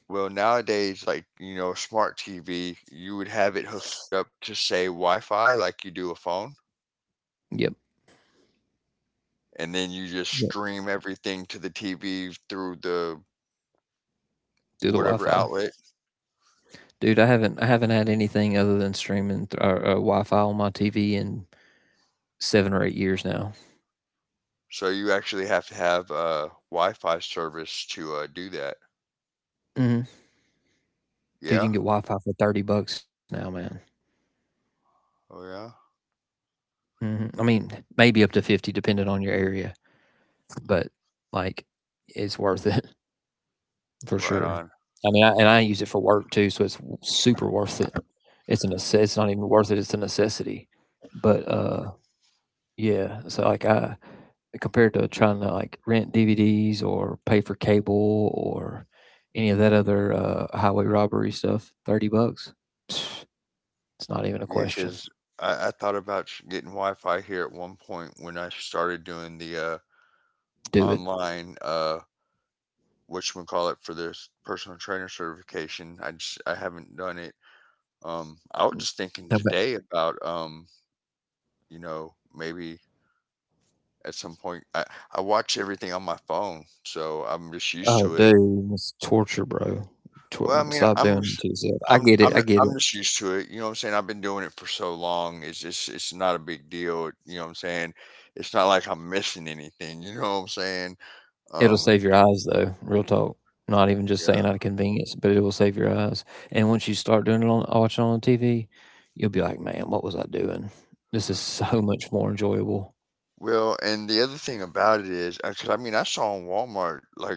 well, nowadays, like, you know, smart TV, you would have it hooked up to say Wi-Fi like you do a phone,
Yep,
and then you just
yep.
stream everything to the TV through the
Do the
whatever
Wi-Fi,
outlet.
dude. I haven't I haven't had anything other than streaming th- or uh, Wi-Fi on my T V in seven or eight years now.
So you actually have to have uh, Wi-Fi service to uh, do that.
Mm hmm Dude,
Yeah.
you can get Wi-Fi for thirty bucks now, man.
Oh yeah.
hmm I mean, maybe up to fifty depending on your area, but, like, it's worth it for
Right
sure.
on.
I mean, I, and I use it for work too, so it's w- super worth it. It's a necess- it's not even worth it, it's a necessity. But uh yeah, so like, I, compared to trying to like rent D V Ds or pay for cable or any of that other uh highway robbery stuff, thirty bucks. It's not even a
Yeah,
question.
because I, I thought about sh- getting Wi-Fi here at one point when I started doing the uh,
Do it.
online, uh, what you call it for this personal trainer certification. I just, I haven't done it. Um, I was just thinking today about, um, you know, maybe at some point I I watch everything on my phone, so I'm just used
Oh,
to it.
dude, it's torture, bro. Tor-
Well, I mean,
stop
I'm
doing it
just,
to yourself. I
I'm,
get it.
I'm,
I get
I'm
it.
just used to it. You know what I'm saying? I've been doing it for so long. It's just, it's not a big deal. You know what I'm saying? It's not like I'm missing anything. You know what I'm saying?
It'll
Um,
save your eyes, though. Real talk. Not even just saying
yeah.
out of convenience, but it will save your eyes. And once you start doing it on watching on T V, you'll be like, man, what was I doing? This is so much more enjoyable.
Well, and the other thing about it is, because I mean, I saw in Walmart like,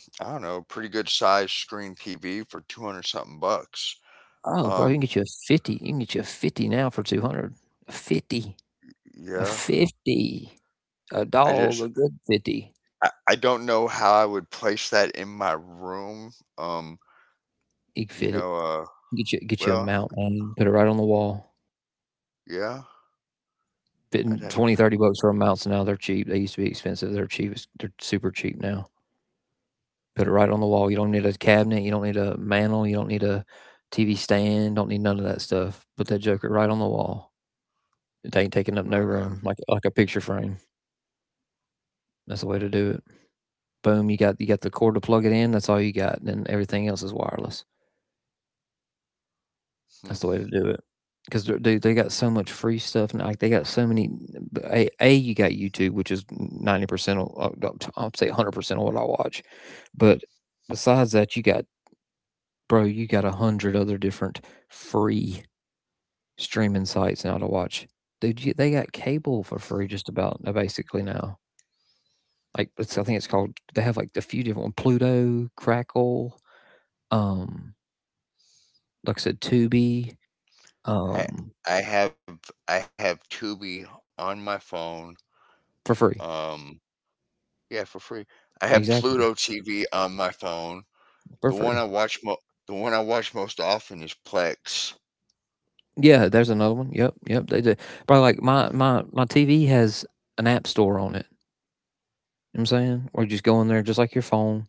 I don't know, pretty good size screen T V for two hundred something bucks.
Oh, bro,
Um,
you can get you a fifty. You can get you a fifty now for two hundred. A fifty. A
yeah.
fifty. A
I just,
dog. A good fifty.
I, I don't know how I would place that in my room. Um,
You can
you
fit
know,
it.
uh,
Get you get you a
well,
mount, man. Put it right on the wall.
yeah. I'd have
Twenty,
to.
thirty bucks for a mount, so now they're cheap, they used to be expensive, they're cheap as- they're super cheap now, put it right on the wall, you don't need a cabinet, you don't need a mantle, you don't need a TV stand, don't need none of that stuff, put that joker right on the wall, it ain't taking up no
Right
room,
on.
like like a picture frame, that's the way to do it, boom, you got you got the cord to plug it in, that's all you got, and everything else is wireless. That's the way
Hmm.
to do it. Because, dude, they got so much free stuff, and like they got so many. A, a You got YouTube, which is ninety percent. I'll say hundred percent of what I watch. But besides that, you got, bro, you got a hundred other different free streaming sites now to watch. Dude, you, they got cable for free just about, uh, basically, now. Like, it's, I think it's called, they have like a few different one: Pluto, Crackle, um, like I said, Tubi,
I
um,
I have I have Tubi on my phone.
for free.
Um, yeah, for free. I have Pluto
Exactly.
T V on my phone. The
For
one I
free.
watch mo- the one I watch most often is Plex.
Yeah, there's another one. Yep, yep. They do. Bro, like, my my my T V has an app store on it. You know what I'm saying? Or you just go in there, just like your phone,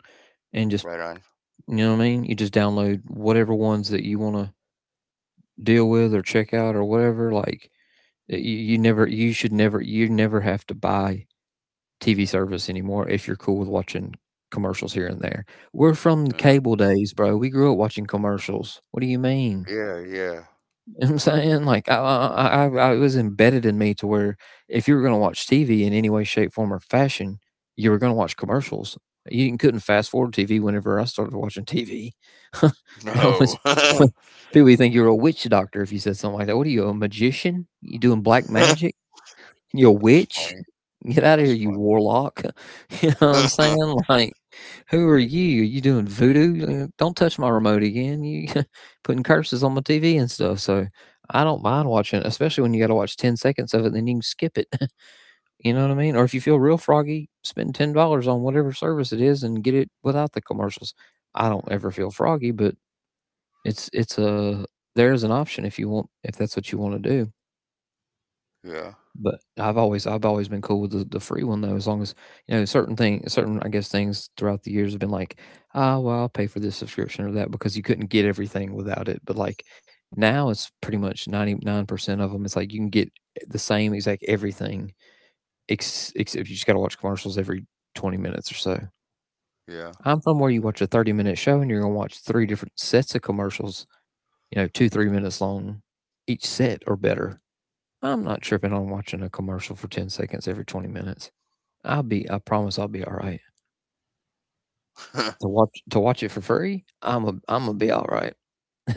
and just,
Right on.
you know what I mean? You just download whatever ones that you wanna deal with or check out or whatever. Like, you, you never you should never you never have to buy T V service anymore if you're cool with watching commercials here and there. We're from the
Yeah,
cable days, bro. We grew up watching commercials. What do you mean?
yeah, yeah.
You know what I'm saying? Like, I I I I it was embedded in me to where if you were gonna watch T V in any way, shape, form, or fashion, you were gonna watch commercials. You couldn't fast forward T V whenever I started watching T V. That was
No,
when
that's
people would think you were a witch doctor if you said something like that. What are you, a magician? You doing black magic? You witch?
funny.
Get out of
That's
here, you
funny.
warlock. You know what I'm saying? Like, who are you? Are you doing voodoo? Uh, Don't touch my remote again. You putting curses on my T V and stuff. So I don't mind watching it, especially when you got to watch ten seconds of it, then you can skip it. You know what I mean? Or if you feel real froggy, spend ten dollars on whatever service it is and get it without the commercials. I don't ever feel froggy, but it's, it's a, there's an option if you want, if that's what you want to do.
Yeah,
But I've always I've always been cool with the, the free one though, as long as you know certain thing certain, I guess, things throughout the years have been like, ah, well, I'll pay for this subscription or that because you couldn't get everything without it. But like now, it's pretty much ninety nine percent of them. It's like you can get the same exact everything, ex- except you just got to watch commercials every twenty minutes or so.
yeah.
I'm from where you watch a thirty minute show and you're gonna watch three different sets of commercials, you know, two three minutes long each set or better. I'm not tripping on watching a commercial for ten seconds every twenty minutes. I'll be I promise I'll be all right. To watch to watch it for free, I'm a I'm gonna be all right.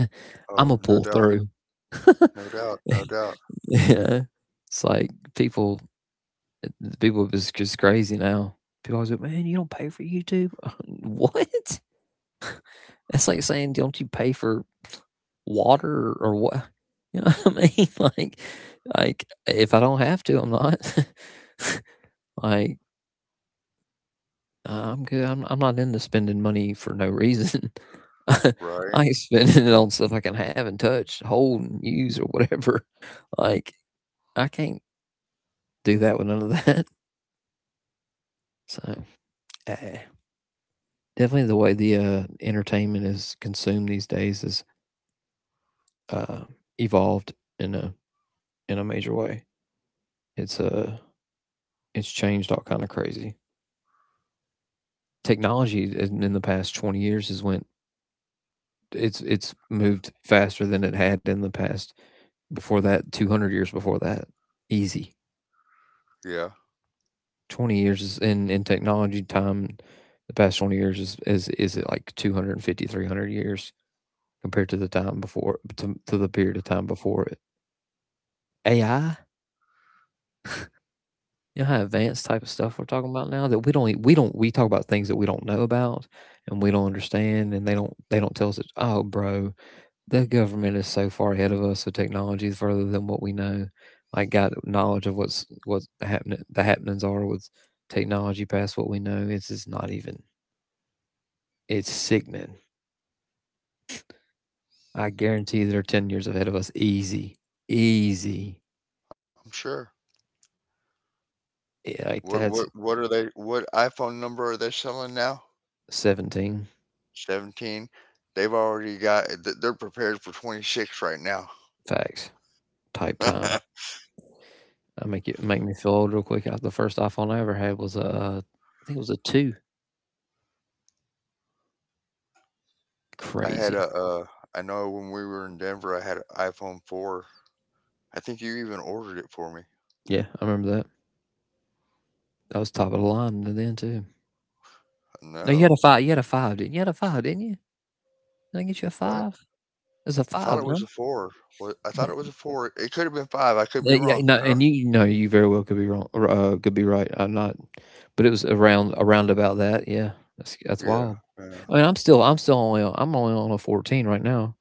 I'm
Oh,
gonna
no
pull
doubt,
through.
no doubt, no doubt.
Yeah. It's like people, eh, people is just crazy now. People always like, man, you don't pay for YouTube. What? That's like saying, don't you pay for water or what? You know what I mean? Like, like if I don't have to, I'm not. Like, Uh, I'm good. I'm I'm not into spending money for no reason. I
Right?
ain't spending it on stuff I can have and touch, hold and use or whatever. Like, I can't do that with none of that. So eh. definitely the way the uh, entertainment is consumed these days is uh, evolved in a in a major way. It's uh it's changed all kind of crazy. Technology in, in the past twenty years has went it's it's moved faster than it had in the past. Before that, two hundred years before that, easy.
Yeah,
Twenty years is in in technology time. The past twenty years is is is it like two hundred and fifty three hundred years compared to the time before to, to the period of time before it. A I, you know how advanced type of stuff we're talking about now that we don't e- we don't we talk about things that we don't know about and we don't understand and they don't they don't tell us that, oh, bro, the government is so far ahead of us. The technology is further than what we know. I got knowledge of what's what's happening. The happenings are with technology past what we know. It's just not even. It's sickening. I guarantee they're ten years ahead of us. Easy, easy.
I'm sure.
Yeah, like
What
that's
what what are they? What iPhone number are they selling now?
seventeen,
seventeen. They've already got eh, th- they're prepared for twenty-six right now.
facts type time.
I
I make it make me feel old real quick. Uh, The first iPhone I ever had was a, uh, I think it was a two.
had
Crazy.
a uh I know when we were in Denver I had an iPhone four. I think you even ordered it for me.
Yeah, I remember that. That was top of the line then too. No, you had a
No.
five, you had a five, didn't you? You had a five, didn't you? Did I get you a
What?
five? It's a
I thought it
five,
was
no?
a four. What I thought it was
Hey,
a four. It could have been five. I could be
yeah, yeah,
wrong.
no,
I don't.
and you know, you very well could be wrong or, uh, could be right, I'm not, but it was around around about that, yeah. That's that's
Yeah.
wild.
Yeah.
I mean, I'm still I'm still only on I'm only on a fourteen right now.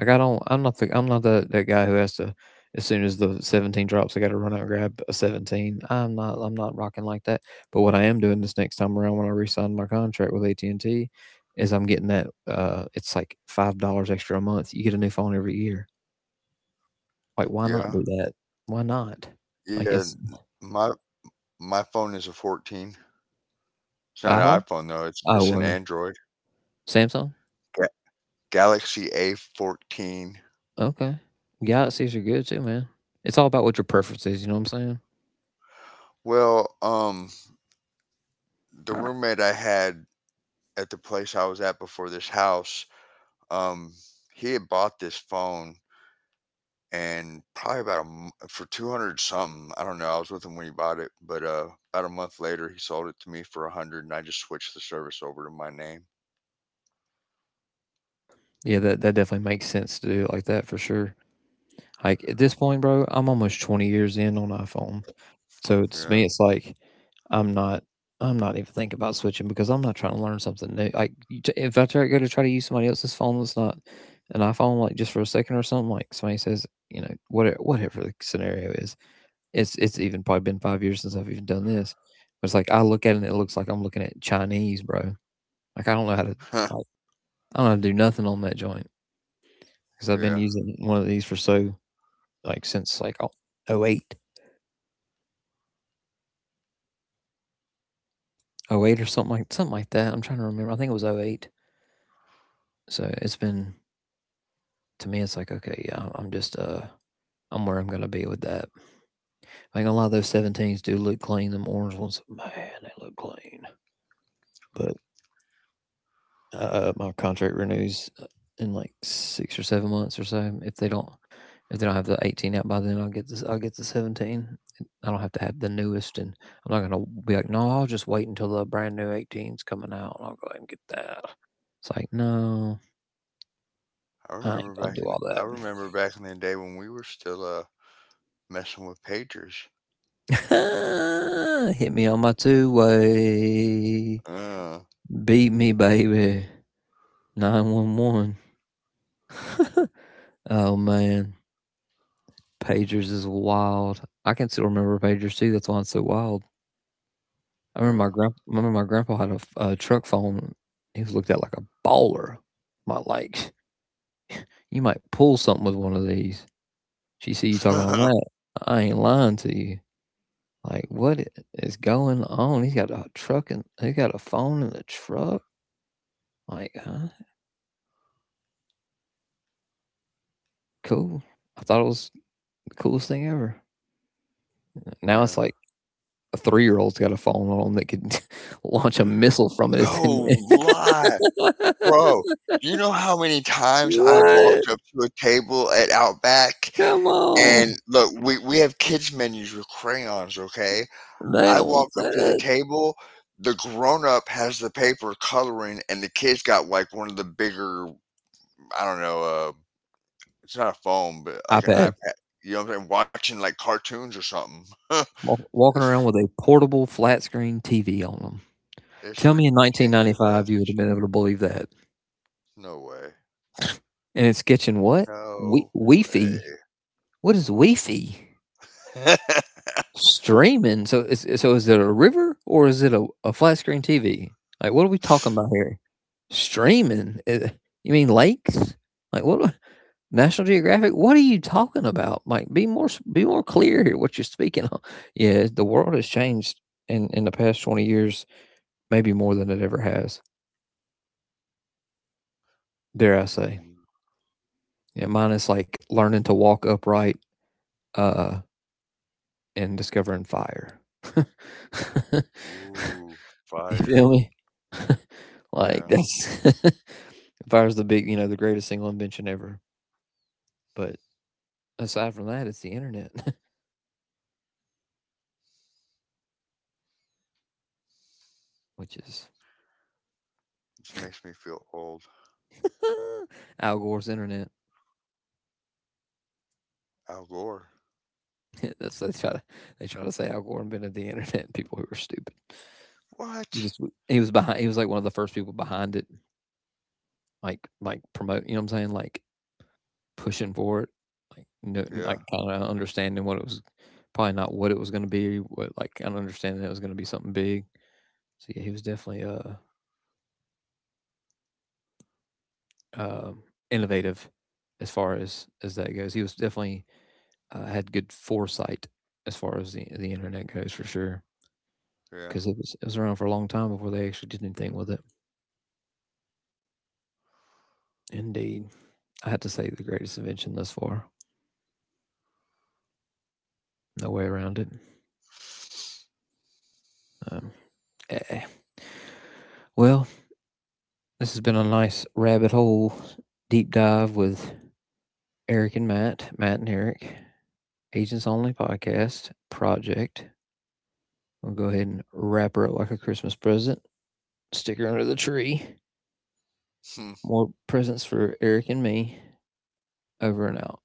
Like, I don't I'm not the I'm not the, that guy who has to, as soon as the seventeen drops, I gotta run out and grab a seventeen. I'm not I'm not rocking like that. But what I am doing this next time around when I re-sign my contract with A T and T is I'm getting that, uh it's like five dollars extra a month. You get a new phone every year. Like, why not
Yeah.
do that? Why not?
Yeah.
Like,
n-
it's
My my phone is a fourteen. It's not an
iPhone?
iPhone though. It's
Oh,
it's an
or
Android.
Samsung?
Ga- Galaxy A fourteen.
Okay. Galaxies are good too, man. It's all about what your preference is, you know what I'm saying?
Well, um the Uh, roommate I had at the place I was at before this house, um, he had bought this phone, and probably about a m- for two hundred something. I don't know. I was with him when he bought it, but uh, about a month later, he sold it to me for a hundred and I just switched the service over to my name.
Yeah, that that definitely makes sense to do it like that for sure. Like at this point, bro, I'm almost twenty years in on iPhone. So it's me,
Yeah.
it's like I'm not. I'm not even thinking about switching because I'm not trying to learn something new. Like, you t- if I try go to try to use somebody else's phone that's not an iPhone, like just for a second or something, like somebody says, you know, whatever, whatever the scenario is, it's it's even probably been five years since I've even done this. But it's like I look at it and it looks like I'm looking at Chinese, bro. Like I don't know how to, like I don't know how to do nothing on that joint because I've
Yeah.
been using one of these for so like since like oh oh eight. Oh 08 or something like something like that. I'm trying to remember. I think it was oh 08. So it's been to me. It's like, okay, yeah, I'm just uh, I'm where I'm gonna be with that. I think a lot of those seventeens do look clean. Them orange ones, man, they look clean. But uh, my contract renews uh, in like six or seven months or so. If they don't, if they don't have the eighteen out by then, I'll get this. I'll get the seventeen. I don't have to have the newest, and I'm not gonna be like, no, I'll just wait until the brand new eighteen's coming out, and I'll go ahead and get that. It's like, no,
I
I ain't
remember
gonna do
back in
all that.
I remember back in the day when we were still uh messing with pagers.
Hit me on my two way.
Uh,
Beat me, baby. nine one one. Oh, man. Pagers is wild. I can still remember pagers too. That's why it's so wild. I
yeah.
remember my grand. Remember my grandpa had a, f- a truck phone. He was looked at like a baller. My Like, you might pull something with one of these. She see you talking on that. I ain't lying to you. Like, what i- is going on? He's got a truck and he's got a phone in the truck. Like, huh? Cool. I thought it was the coolest thing ever.
Yeah.
Now it's like a three year old's got a phone on them that could launch a missile from it.
No
If they need.
lie. Bro, you know how many times I've
What?
walked up to a table at Outback
Come on.
and look, we we have kids menus with crayons, okay?
They
I
don't want
walk up to the
that.
table, the grown up has the paper coloring and the kids got like one of the bigger, I don't know, uh, it's not a phone, but like an
iPad.
iPad. You know what I'm saying? Watching like cartoons or something.
Walk,
It's
walking around with a portable flat screen T V on them.
it's
Tell me in nineteen ninety-five you would
ridiculous.
have been able to believe that.
No way.
And it's sketching what? We-
No way.
Wi-Fi. What is Wi-Fi? Streaming. So is so is it a river or is it a, a flat screen T V? Like, what are we talking about here? Streaming. Eh, You mean lakes? Like what? National Geographic. What are you talking about? Like, be more s- be more clear here. What you're speaking on? Yeah, the world has changed in in the past twenty years, maybe more than it ever has. Dare I
Yeah.
say? Yeah, mine is like learning to walk upright, uh, and discovering fire. You
Ooh, fire.
feel me?
Yeah.
like that's Fire's the big, you know, the greatest single invention ever. But aside from that, it's the internet, which is
This makes me feel old.
Al Gore's internet.
Al Gore.
That's They try to they try to say Al Gore invented the internet. People who are stupid. He
What?
just he was behind. He was like one of the first people behind it, like like promote. You know what I'm saying? Like pushing for it, like no, like
Yeah.
kind of understanding what it was. Probably not what it was going to be. What, like, kind of understanding it was going to be something big. So yeah, he was definitely uh um, innovative as far as as that goes. He was definitely, uh, had good foresight as far as the the internet goes for sure,
Yeah.
because it was it was around for a long time before they actually did anything with it. Indeed, I had to say the greatest invention thus far. No way around it. Um, eh. Well, this has been a nice rabbit hole deep dive with Eric and Matt, Matt and Eric, Agents Only Podcast Project. We'll go ahead and wrap her up like a Christmas present. Sticker under the tree.
Hmm.
More presents for Eric and me. Over and out.